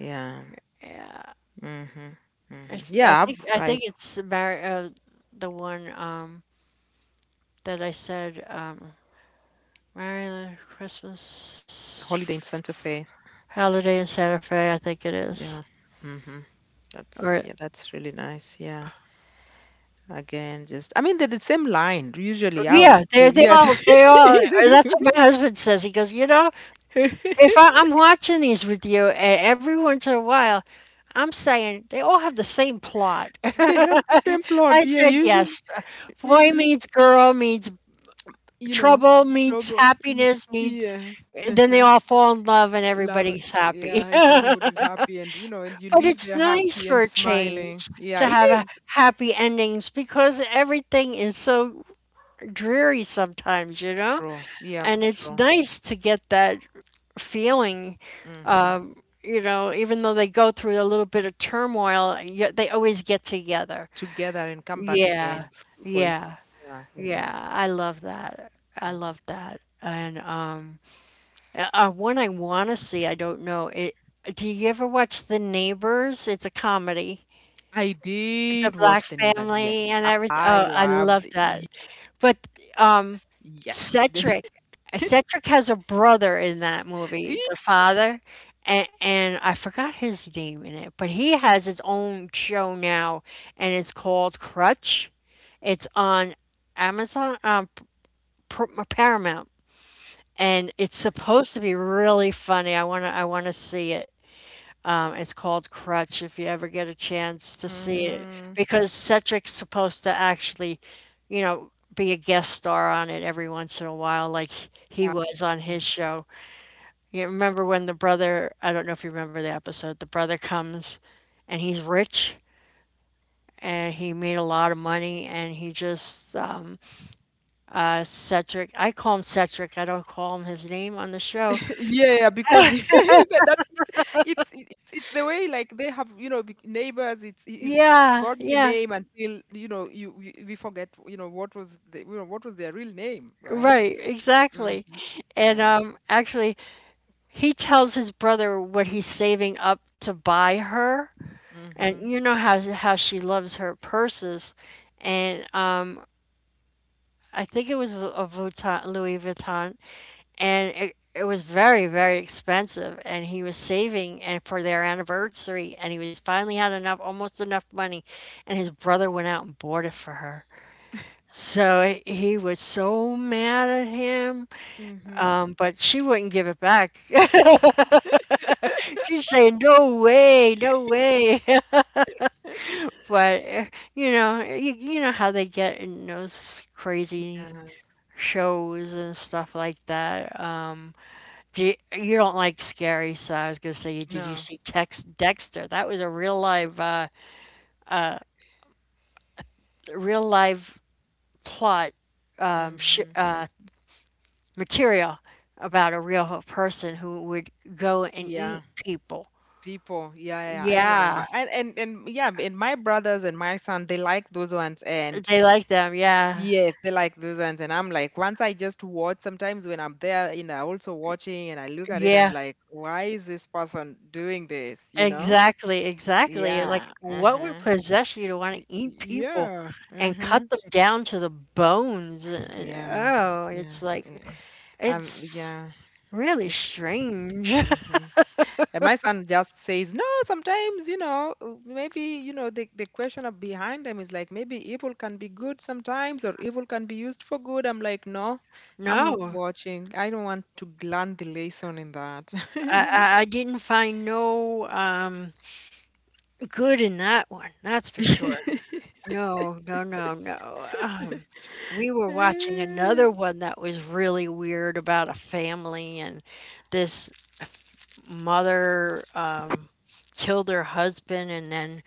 Yeah.
Yeah.
Mm-hmm. Mm-hmm.
It's,
Yeah. I've
I
I
think it's Mar- the one that I said Merry Christmas.
Holiday in Santa Fe.
Holiday in Santa Fe, I think it
Yeah.
is.
Mm-hmm. That's
Or
yeah. That's really nice. Yeah. Again, just I mean, they're the same line usually. I would
Yeah,
say, yeah,
they're all. That's what my husband says. He goes, you know, if I, I'm watching these with you, and every once in a while, I'm saying they all have the same plot.
they have the same plot.
I
Yeah,
said
usually,
yes. Boy
hmm,
meets girl meets
you know,
trouble meets
trouble.
happiness meets.
Yes,
Then they
uh-huh.
all fall in love and
Love it.
everybody's
Yeah,
happy.
and everybody's
But
happy, and you know, and you leave
it's
there
nice
happy
for
and
a
smiling.
change
Yeah,
to
it
have a
is
happy endings because everything is so dreary sometimes, you know.
true. Yeah,
And it's
true.
nice to get that feeling,
Hmm.
you know, even though they go through a little bit of turmoil, y they always get together.
Together and come back
Yeah,
again for each
yeah,
other.
yeah. I love that. I love that. And one I want to see, I don't know. Do you ever watch The Neighbors? It's a comedy.
I did watch
The
The
Black
Neighbors. Yes,
family and
I
everything. Oh,
loved.
I love
Yes,
that. But
yes. The
um, Cedric Cedric has a brother in that movie, the father, and I forgot his name in it, but he has his own show now, and it's called Crutch. It's on Amazon, P- Paramount, and it's supposed to be really funny. I wanna see it. It's called Crutch if you ever get a chance to see it,
mm-hmm.
because Cedric's supposed to actually, you know, be a guest star on it every once in a while, like he was on his show. You remember when the brother, I don't know if you remember the episode, the brother comes and he's rich and he made a lot of money, and he just Cedric, I call him Cedric, I don't call him his name on the show.
Yeah, because that's it's it, it's the way like they have, you know, neighbors. It's it is
Yeah,
got the
yeah,
name until, you know, we forget, you know, what was the, you know, what was their real name, right?
right,
Hmm.
exactly. And
Yeah.
actually he tells his brother what he's saving up to buy her, and
Mm-hmm.
you know how she loves her purses. And I think it was a Vuitton, Louis Vuitton, and it was very very expensive, and he was saving and for their anniversary, and he was finally had enough, almost enough money, and his brother went out and bought it for her, so he was so mad at him.
Mm-hmm.
But she wouldn't give it back. She's saying no way, no way. But you know, you know how they get in those crazy
Yeah.
shows and stuff like that. Do you, you don't like scary, so I was gonna say, did you
No.
see Tex Dexter? That was a real live plot sh
Mm-hmm.
material about a real person who would go and
Yeah.
eat people.
People, yeah, yeah, I
Yeah,
remember. And and yeah, and my brothers and my son, they like those ones. And
they like them. Yeah,
yes, they like those ones. And I'm like, once I just watch, sometimes when I'm there, you know, also watching and I look at it, I'm
yeah.
like, why is this person doing this? You know?
Exactly, exactly. Like,
Yeah.
what would
Uh-huh.
possess you to want to eat people
Yeah.
and
Uh-huh.
cut them down to the bones? And,
Yeah.
oh,
Yeah.
it's like,
Yeah.
it's
Yeah.
really
It,
strange.
mhm. And my son just says, no, sometimes, you know, maybe, you know, the question of behind them is like, maybe evil can be good sometimes or evil can be used for good. I'm like, no, I'm not
No,
watching. I don't want to learn the lesson in that.
I didn't find no good in that one, that's for sure. No, no, no, no. We were watching another one that was really weird about a family and this mother. Killed her husband, and then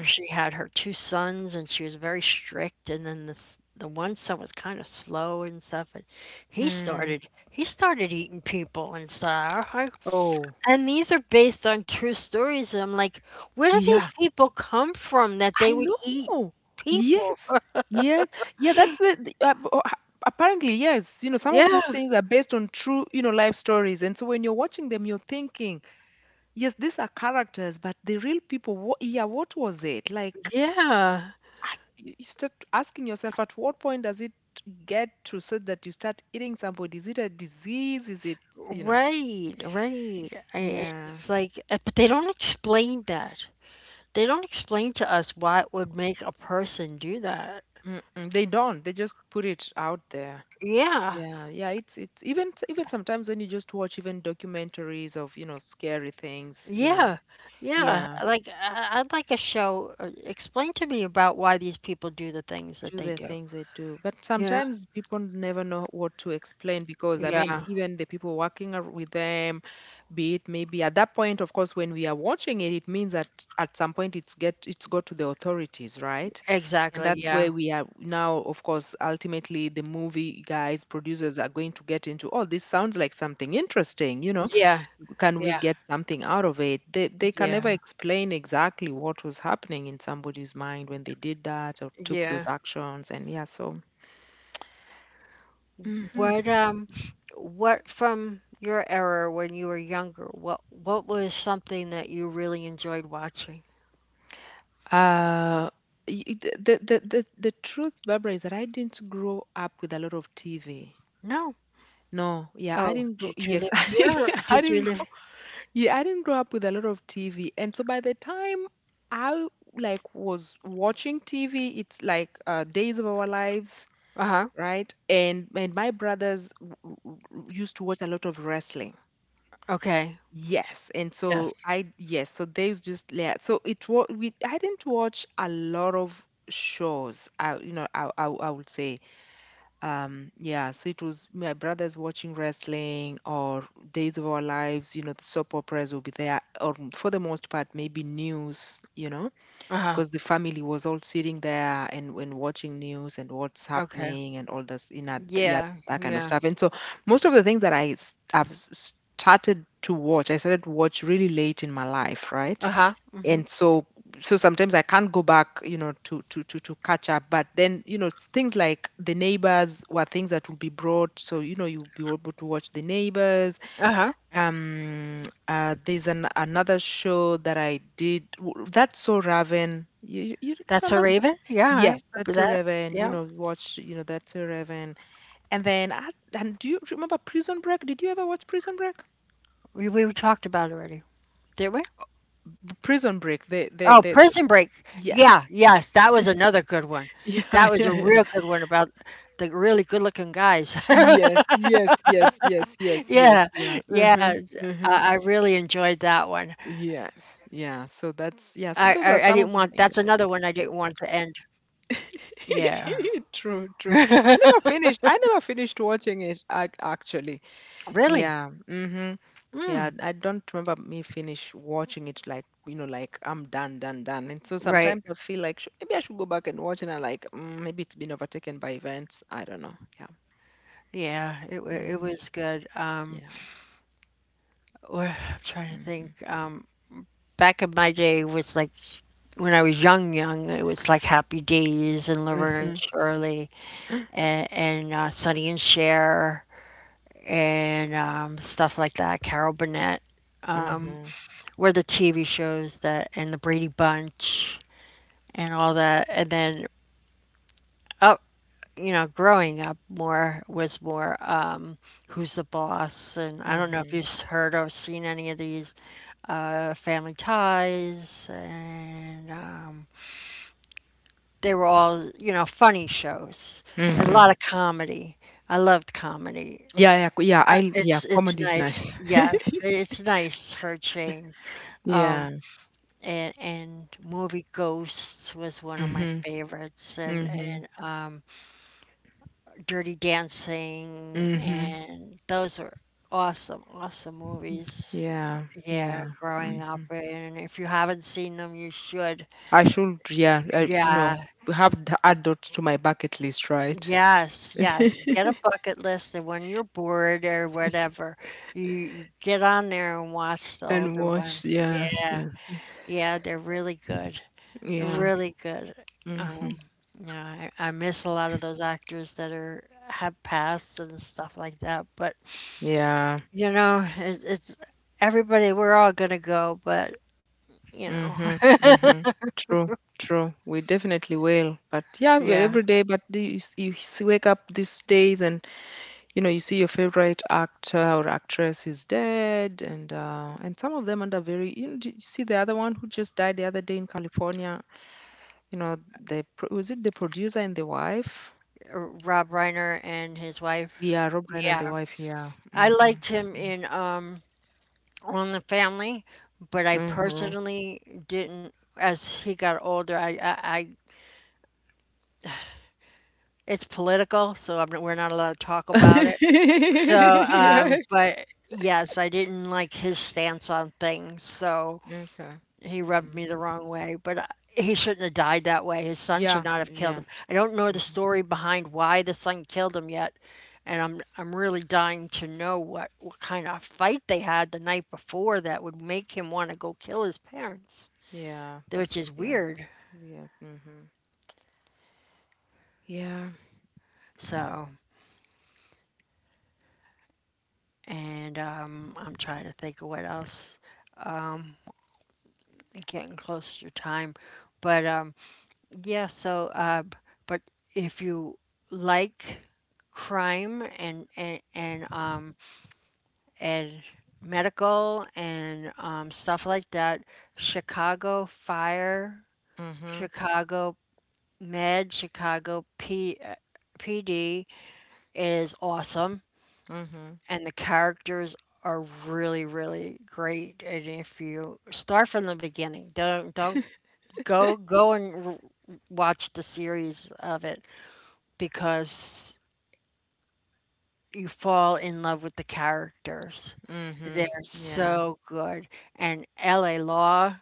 she had her two sons and she was very strict, and then this the one son was kind of slow and stuff, and he
Mhm.
started he started eating people and stuff.
Oh,
And these are based on true stories, and I'm like, where do these
yeah.
people come from that
I
they would eat
know.
people?
Yes. Yes. Yeah, that's apparently, yes. You know, some of
Yeah,
these things are based on true, you know, life stories. And so when you're watching them, you're thinking, yes, these are characters, but the real people, wha yeah, what was it? Like,
yeah.
at, you start asking yourself, at what point does it get to such that you start eating somebody? Is it a disease? Is it, you know?
Right, right. I,
Yeah.
it's like, but they don't explain that. They don't explain to us why it would make a person do that.
Mm-mm. They don't. They just put it out there.
Yeah,
Yeah, yeah, it's even even sometimes when you just watch even documentaries of, you know, scary things, you know.
yeah, yeah.
Yeah,
Like I'd like a show. Explain to me about why these people do the things that
do
they
the
do.
things they do. But
Yeah,
sometimes people never know what to explain because I mean,
yeah,
even the people working with them, be it maybe at that point, of course, when we are watching it, it means that at some point it's get it's got to the authorities, right? And
exactly.
that's where
Yeah,
we are now, of course, ultimately the movie guys, producers are going to get into, oh, this sounds like something interesting, you know,
yeah,
can we
yeah,
get something out of it? They can
yeah,
never explain exactly what was happening in somebody's mind when they did that or took
yeah.
those actions. And yeah, so hmm,
What um, what from your era when you were younger? What was something that you really enjoyed watching?
uh, y- y- the, the truth, Barbara, is that I didn't grow up with a lot of TV.
No.
No, yeah, I
Oh,
didn't grow.
did you
Yes,
live here? Or
I
did
didn't
you
grow.
live?
Yeah, I didn't grow up with a lot of TV, and so by the time I like was watching TV, it's like Days of Our Lives,
Uh-huh.
right? And my brothers used to watch a lot of wrestling.
Okay.
Yes, and so
Yes.
I yes, so they was just yeah. So it was we I didn't watch a lot of shows. I you know I I would say yeah. So it was my brothers watching wrestling or Days of Our Lives. You know the soap operas will be there, or for the most part maybe news. You know,
Uh-huh.
because the family was all sitting there and watching news and what's
Okay.
happening and all this in that yeah,
Yeah.
that kind of
Yeah.
stuff. And so most of the things that I s- have s- started to watch I started to watch really late in my life, right?
Uh-huh. Mm-hmm.
And so so sometimes I can't go back, you know, to catch up but then you know it's things like the neighbors were things that would be brought so you know you'll be able to watch the neighbors.
Uh-huh.
Um, there's an another show that I did. That's So Raven. You
That's a
remember that?
raven? Yeah, I
Yes,
remember
That's So
that.
Raven. You
Yeah.
know, watch. You know, That's So Raven. And then, I, and do you remember Prison Break? Did you ever watch Prison Break?
We talked about it already, did we?
Prison Break.
Oh, Prison Break.
Yes.
Yeah, yes, that was another good one. That
Yeah,
was
yeah,
a
yeah.
real good one about the really good-looking guys.
Yes, yes, yes, yes, yes, yes.
Yeah,
Yeah.
yeah,
Mm-hmm, mm-hmm.
I really enjoyed that one.
Yes. Yeah. So
I didn't
that's
want
yeah. So
That's
those are
another
some
one
of
I
the
didn't
things that
want
I
to
did.
end. Yeah,
True, true.
really,
I never finished. I never finished watching it actually. Yeah. Mm-hmm. Yeah, I don't remember me finish watching it like, you know, like I'm done, done, done. And so
right?
sometimes I feel like sh maybe I should go back and watch it and I like mm, maybe it's been overtaken by events. I don't know. Yeah.
Yeah, it wa- it
Mm-hmm.
was good.
Yeah.
I'm trying to
Mm-hmm.
think. Back in my day was like when I was young, young. It was like Happy Days and Laverne
Mm-hmm.
and Shirley, and Sonny and Cher, and stuff like that, Carol Burnett,
Mm-hmm.
were the TV shows that And the Brady Bunch and all that. And then up, growing up more was more, Who's the Boss? And I don't know if
Mm-hmm.
you've heard or seen any of these, Family Ties, and. They were all, funny shows, a
Mm-hmm.
lot of comedy. I loved comedy.
Yeah, yeah, yeah.
I,
I yeah,
it's
comedy is
nice,
nice.
yes, it's nice for a change.
Yeah.
And movie Ghosts was one of my
Mm-hmm.
favorites, and
Mm-hmm.
and um, Dirty Dancing,
Mm-hmm.
and those were awesome, awesome movies.
Yeah, yeah.
Yeah,
Hmm.
growing up, and if you haven't seen them, you should.
I should, yeah, I, you
Yeah,
know, have add that to my bucket list, right?
yes, yes. Get a bucket list, and when you're bored or whatever, you get on there and watch the
And
older
watch,
ones.
yeah,
Yeah,
mm,
yeah, they're really good. They're
yeah,
really good.
hmm,
Um, yeah, I miss a lot of those actors that are have passed and stuff like that. But,
yeah,
it's, everybody. We're all gonna go, but, you
hmm,
know.
hmm. True, true. We definitely will. But yeah, every
Yeah.
day. But do you wake up these days, and you know, you see your favorite actor or actress is dead, and some of them under very. You know, did you see the other one who just died the other day in California? You know, the pro was it the producer and the wife?
Rob Reiner and his
Yeah,
wife.
Rob Reiner and the
Yeah,
wife, yeah.
I
Mm-hmm.
liked him in on the family, but I
Mm-hmm.
personally didn't. As he got older, I it's political, so we're not allowed to talk about it. So,
Yeah.
but yes, I didn't like his stance on things, so
Okay.
he rubbed
Mm.
me the wrong way. He shouldn't have died that way. His son should
Yeah,
not have killed him.
yeah.
I don't know the
Mm-hmm.
story behind why the son killed him yet, and I'm really dying to know what kind of fight they had the night before that would make him want to go kill his parents,
Yeah,
which
that's
is
yeah.
weird.
Yeah. Mm-hmm. Yeah.
So, and I'm trying to think of what else. I'm getting close to time, but yeah. So, but if you like crime and medical and stuff like that, Chicago Fire,
Mm-hmm.
Chicago Med, Chicago P. PD is awesome.
Mm-hmm.
And the characters are really, really great, and if you start from the beginning, don't go and watch the series of it, because you fall in love with the characters.
Mm-hmm.
They're
Yeah.
so good. And la Law,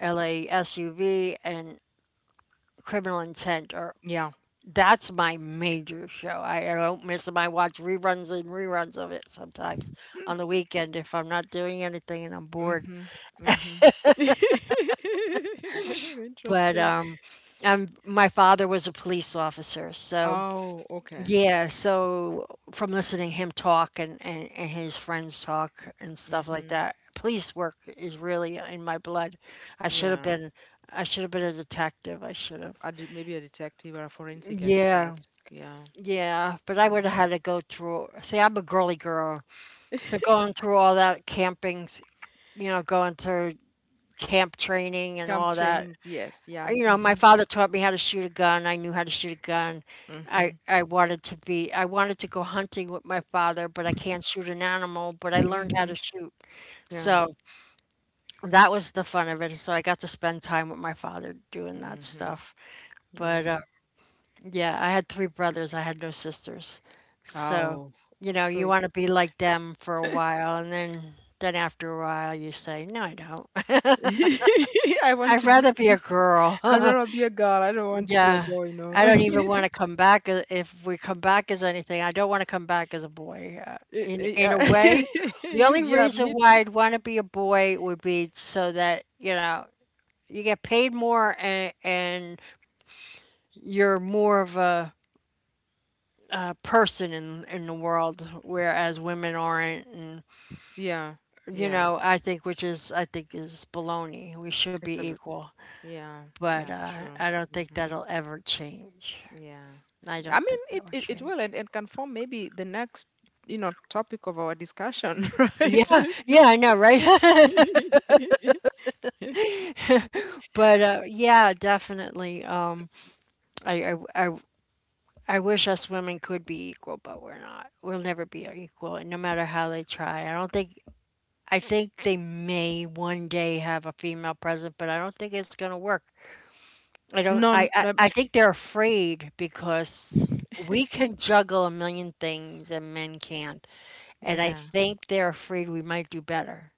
LASUV, and Criminal Intent are
Yeah.
that's my major show. I don't miss them. I watch reruns and reruns of it sometimes on the weekend if I'm not doing anything and I'm bored.
Mm-hmm. Mm-hmm.
But,
Interesting.
my father was a police officer, so
Oh, okay.
yeah, so from listening him talk, and his friends talk and stuff like
Mm-hmm.
that, police work is really in my blood. I should have
Yeah.
been I should have been a detective. I should have.
Maybe a detective or a forensic expert.
Yeah,
Yeah.
yeah, but I would have
Hmm.
had to go through. See, I'm a girly girl, so going through all that campings, going through camp training and
Camp
all that,
trainings, yes, yeah.
my
Mm-hmm.
father taught me how to shoot a gun. I knew how to shoot a gun.
Mm-hmm.
I wanted to go hunting with my father, but I can't shoot an animal, but I learned how
Mm-hmm.
to shoot.
Yeah.
So that was the fun of it. So I got to spend time with my father doing that stuff.
Mm-hmm.
But,
Um,
yeah, I had three brothers. I had no sisters. So,
oh,
you
so
want to be like them for a while, and then after a while you say, "No, I don't.
I want
I'd
to just
rather be a
be.
girl."
I'd rather be a girl. I don't want to be a
Yeah,
boy. No.
I don't even want to come back if we come back as anything. I don't want to come back as a boy. Uh,
Eh,
in
eh,
in a way, the
you,
only
yeah,
reason
me
why
too.
I'd want to be a boy would be so that, you get paid more, and you're more of a person in the world, whereas women aren't. And,
Yeah, yeah.
I think, which is I think is baloney. We should
It's
be
a,
equal,
yeah,
but
yeah, true.
I don't think
Mm-hmm.
that'll ever change.
Yeah.
I
Yeah. I
don't
mean,
think
it,
that will
it, it will
change.
and can form maybe the next, you know, topic of our discussion, right?
Yeah, yeah,
Just
I know, right? But yeah, definitely. I, I, I, I wish us women could be equal, but we're not. We'll never be equal, and no matter how they try, I don't think. I think they may one day have a female president, but I don't think it's going to work. I don't.
non,
I, I, I think they're afraid because we can juggle a million things and men can't, and I
yeah.
think they're afraid we might do better.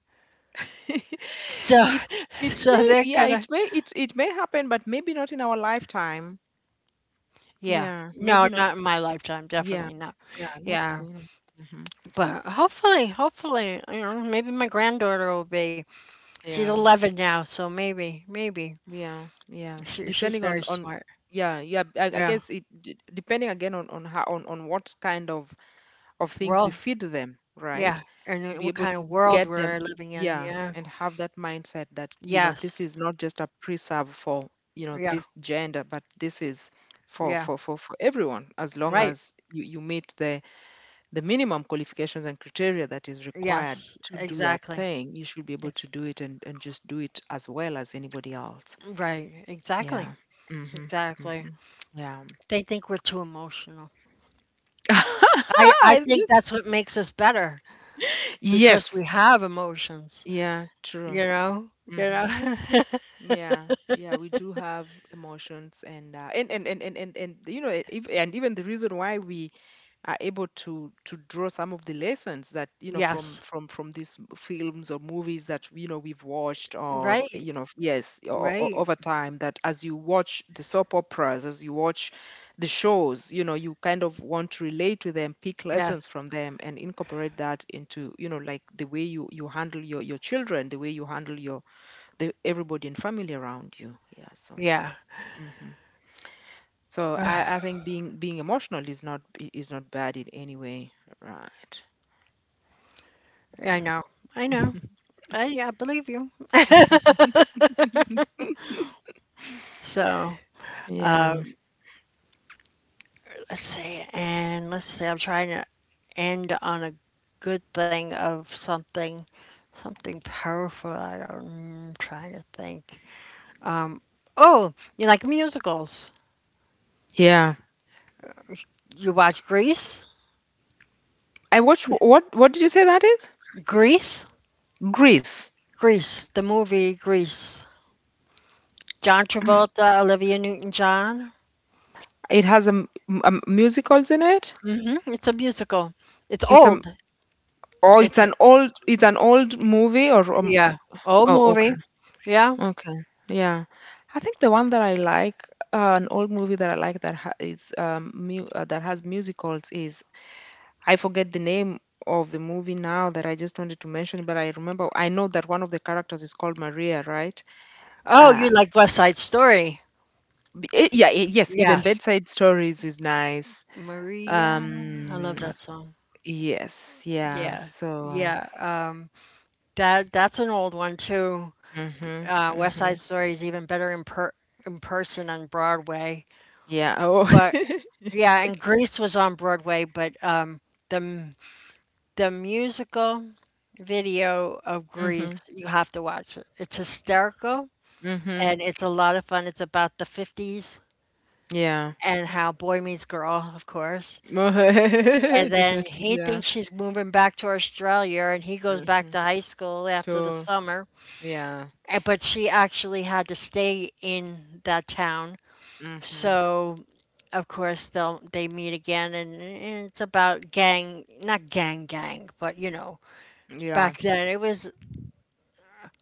So,
It it
so
may,
they're
yeah, it
gonna.
may, it may happen, but maybe not in our lifetime.
Yeah.
Yeah,
No,
maybe not.
not in my lifetime,
Yeah,
definitely not.
yeah, not.
Yeah.
You know, mhm.
But hopefully, hopefully, maybe my granddaughter will be. She's
Yeah,
11 now, so maybe, maybe.
yeah, yeah.
She's
Depending
very
on,
smart.
yeah, yeah. I
Yeah.
guess it depending again on how on what kind of things we
World.
feed them, right?
Yeah. And
To
then
be
what
able
kind of
to
world
get
we're
them,
living in.
yeah,
Yeah.
and have that mindset that, you know, this is
Yes.
not just a preserve for, you know,
Yeah.
this gender, but this is for
Yeah.
for for, for everyone, as long
Right.
as you meet the minimum qualifications and criteria that is required
Yes.
to do that
Exactly.
thing. You should be able to
It's,
do it and just do it as well as anybody else.
right.
Yeah.
Exactly.
Mm-hmm. Mm-hmm.
Exactly.
Yeah.
They think we're too emotional. I
I-
think that's what makes us better because
yes.
we have emotions.
Yeah, true.
You know? You
Hmm.
know?
Yeah, yeah, we do have emotions and and if, and even the reason why we are able to draw some of the lessons that from
Yes.
from from these films or movies that we've watched, or
Right.
yes, or
Right.
over time, that as you watch the soap operas, as you watch the shows, you kind of want to relate to them, pick
Yeah.
lessons from them, and incorporate that into, you know, like the way you handle your children, the way you handle your the everybody and family around you. Yeah. So.
Yeah.
Hmm. So I think being emotional is not I- is not bad in any way. Right.
I know. I know.
Yeah.
I believe you. So
yeah.
let's see. And let's see. I'm trying to end on a good thing of something, something powerful. I don't. I'm trying to think. Oh, you like musicals?
Yeah.
You watch Grease?
I watch, what did you say that is?
Grease?
Greece.
Grease. The movie Grease. John Travolta, Olivia Newton-John.
It has a, m- m- a m- musicals in it.
Mm, it's a musical. It's
It's a m-
old.
oh, it's
It's a,
an old, it's an old movie, or
yeah, old
oh, okay.
movie. Yeah.
Okay. Yeah. I think the one that I like, an old movie that I like that ha is mu that has musicals is, I forget the name of the movie now that I just wanted to mention, but I remember, I know that one of the characters is called Maria, right?
Oh,
Uh,
you like West Side Story?
yeah, yes, even
Yes.
Bedside Stories is nice.
Maria, I
Um,
love that song.
yes, yeah.
Yeah,
So,
yeah. That's an old one too.
mm-hmm,
West Side
mm-hmm.
Story is even better in per in person on Broadway.
Yeah. Oh.
But yeah, and Grease was on Broadway, but the m- the musical video of
Mm-hmm,
Grease, you have to watch it. It's hysterical
mm-hmm.
and it's a lot of fun. It's about the 50s
Yeah.
and how Boy Meets Girl, of course. And then
Definitely.
he
Yeah.
thinks she's moving back to Australia, and he goes
Mm-hmm.
back to high school after the
Cool.
summer.
Yeah.
But she actually had to stay in that town.
Mm-hmm.
So, of course, they meet again, and it's about gang, not gang gang, but,
Yeah.
back then it was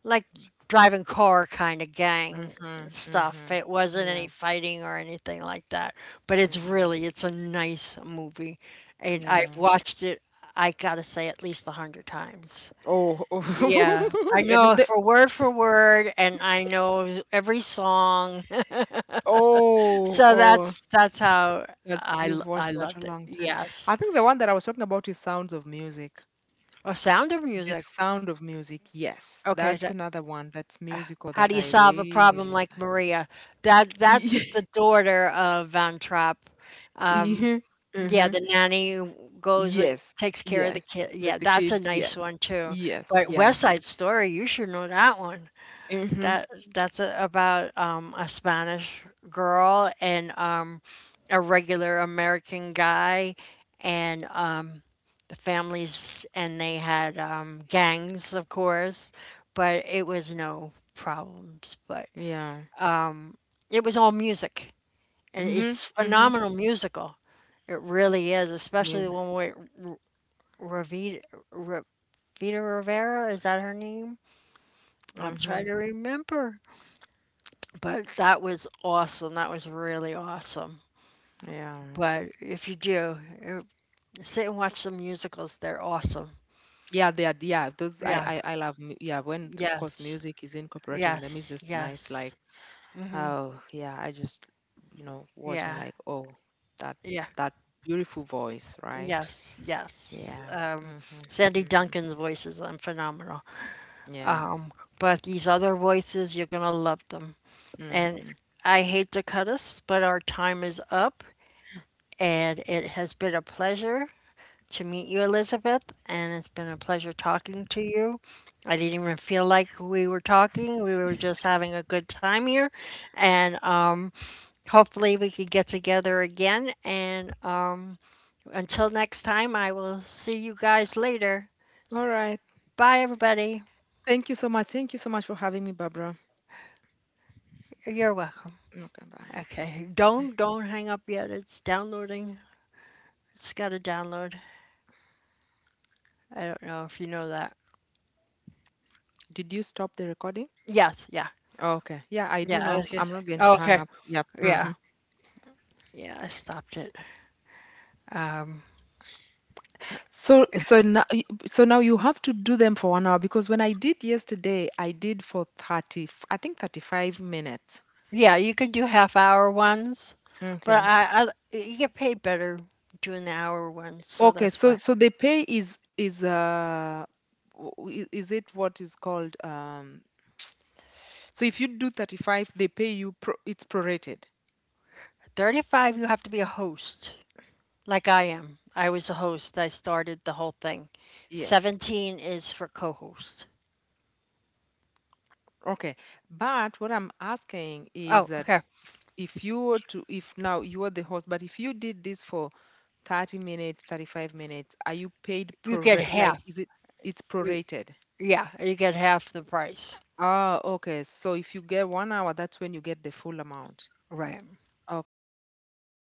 like driving car kind of gang
Mm-hmm. Mm-hmm.
stuff. It wasn't any
Yeah.
fighting or anything like that, but
Mm-hmm.
it's a nice movie. It I've
Yeah.
watched it. I gotta say at least 100 times.
Oh.
Yeah,
Oh.
I
yeah,
know for word, and I know every song.
oh.
So
Oh.
that's how
That's,
I l-
you've watched
I
that a
loved it.
long time. I
Yes,
think the one that I was talking about is Sounds of Music.
oh, Sound of
The
Music.
Sound of Music. Yes,
Okay,
that's
so
another one that's musical
how
that
do you
I
solve a problem
really
like Maria? That's
like.
the daughter of Van Trapp.
Yeah.
Yeah,
Mm-hmm.
the nanny goes and
Yes.
takes care of the
Yes.
kid. Yeah,
Like the
that's a
kids.
nice
Yes.
one too.
Yes.
But
Yeah.
West Side Story, you should know that one.
Mm-hmm.
That's about a Spanish girl, and a regular American guy, and the families, and they had gangs, of course, but it was no problems. But
Yeah.
it was all music, and
Mhm,
it's
mhm.
phenomenal musical. It really is, especially the
Music.
one with Ravita, Ra- Vita Rivera, is that her name? I'm trying
Mhm.
to remember. But that was awesome. That was really awesome.
Yeah.
But if you do, sit and watch some musicals. They're awesome.
Yeah, they are, yeah. those I
Yeah.
I I love yeah, when of course
Yes.
music is incorporated in them, it's
Yes.
just nice. Like,
Yes.
oh yeah, I just, you know, watch and like,
Yeah.
oh, that
Yeah.
that beautiful voice, right?
Yes,
Yeah.
yes.
Mhm.
Sandy
Mhm.
Duncan's voices are phenomenal,
Yeah.
but these other voices, you're gonna love them. And
Mhm.
I hate to cut us, but our time is up. And it has been a pleasure to meet you, Elizabeth, and it's been a pleasure talking to you. I didn't even feel like we were talking. We were just having a good time here. And hopefully we could get together again. And until next time, I will see you guys later.
All right.
Bye, everybody.
Thank you so much. Thank you so much for having me, Barbara.
You're welcome.
Okay, bye.
Okay, don't hang up yet. It's downloading. It's got to download. I don't know if you know that.
Did you stop the recording?
Yes, yeah.
Oh, okay. Yeah, I do
Yeah, I
know.
was gonna
I'm
say.
not going
Oh,
to hang
okay.
up. Yep.
Yeah.
Mhm.
Yeah, I stopped it.
So so now so now you have to do them for 1 hour, because when I did yesterday, I did for 30, I think 35 minutes.
Yeah, you can do half hour ones, but
Okay.
I you get paid better doing the hour ones, so
Okay,
that's
so
why.
so the pay is is it, what is called, so if you do 35, they pay you it's prorated.
35, you have to be a host, like I am. I was a host. I started the whole thing.
Yes.
17 is for co-host.
Okay. But what I'm asking is
Oh,
that,
okay.
if you were to, if now you are the host, but if you did this for 30 minutes, 35 minutes, are you paid
You get
prorate? Like,
half.
is it, it's prorated?
Yeah, you get half the price.
Ah, okay. So if you get 1 hour, that's when you get the full amount.
Right.
Okay, I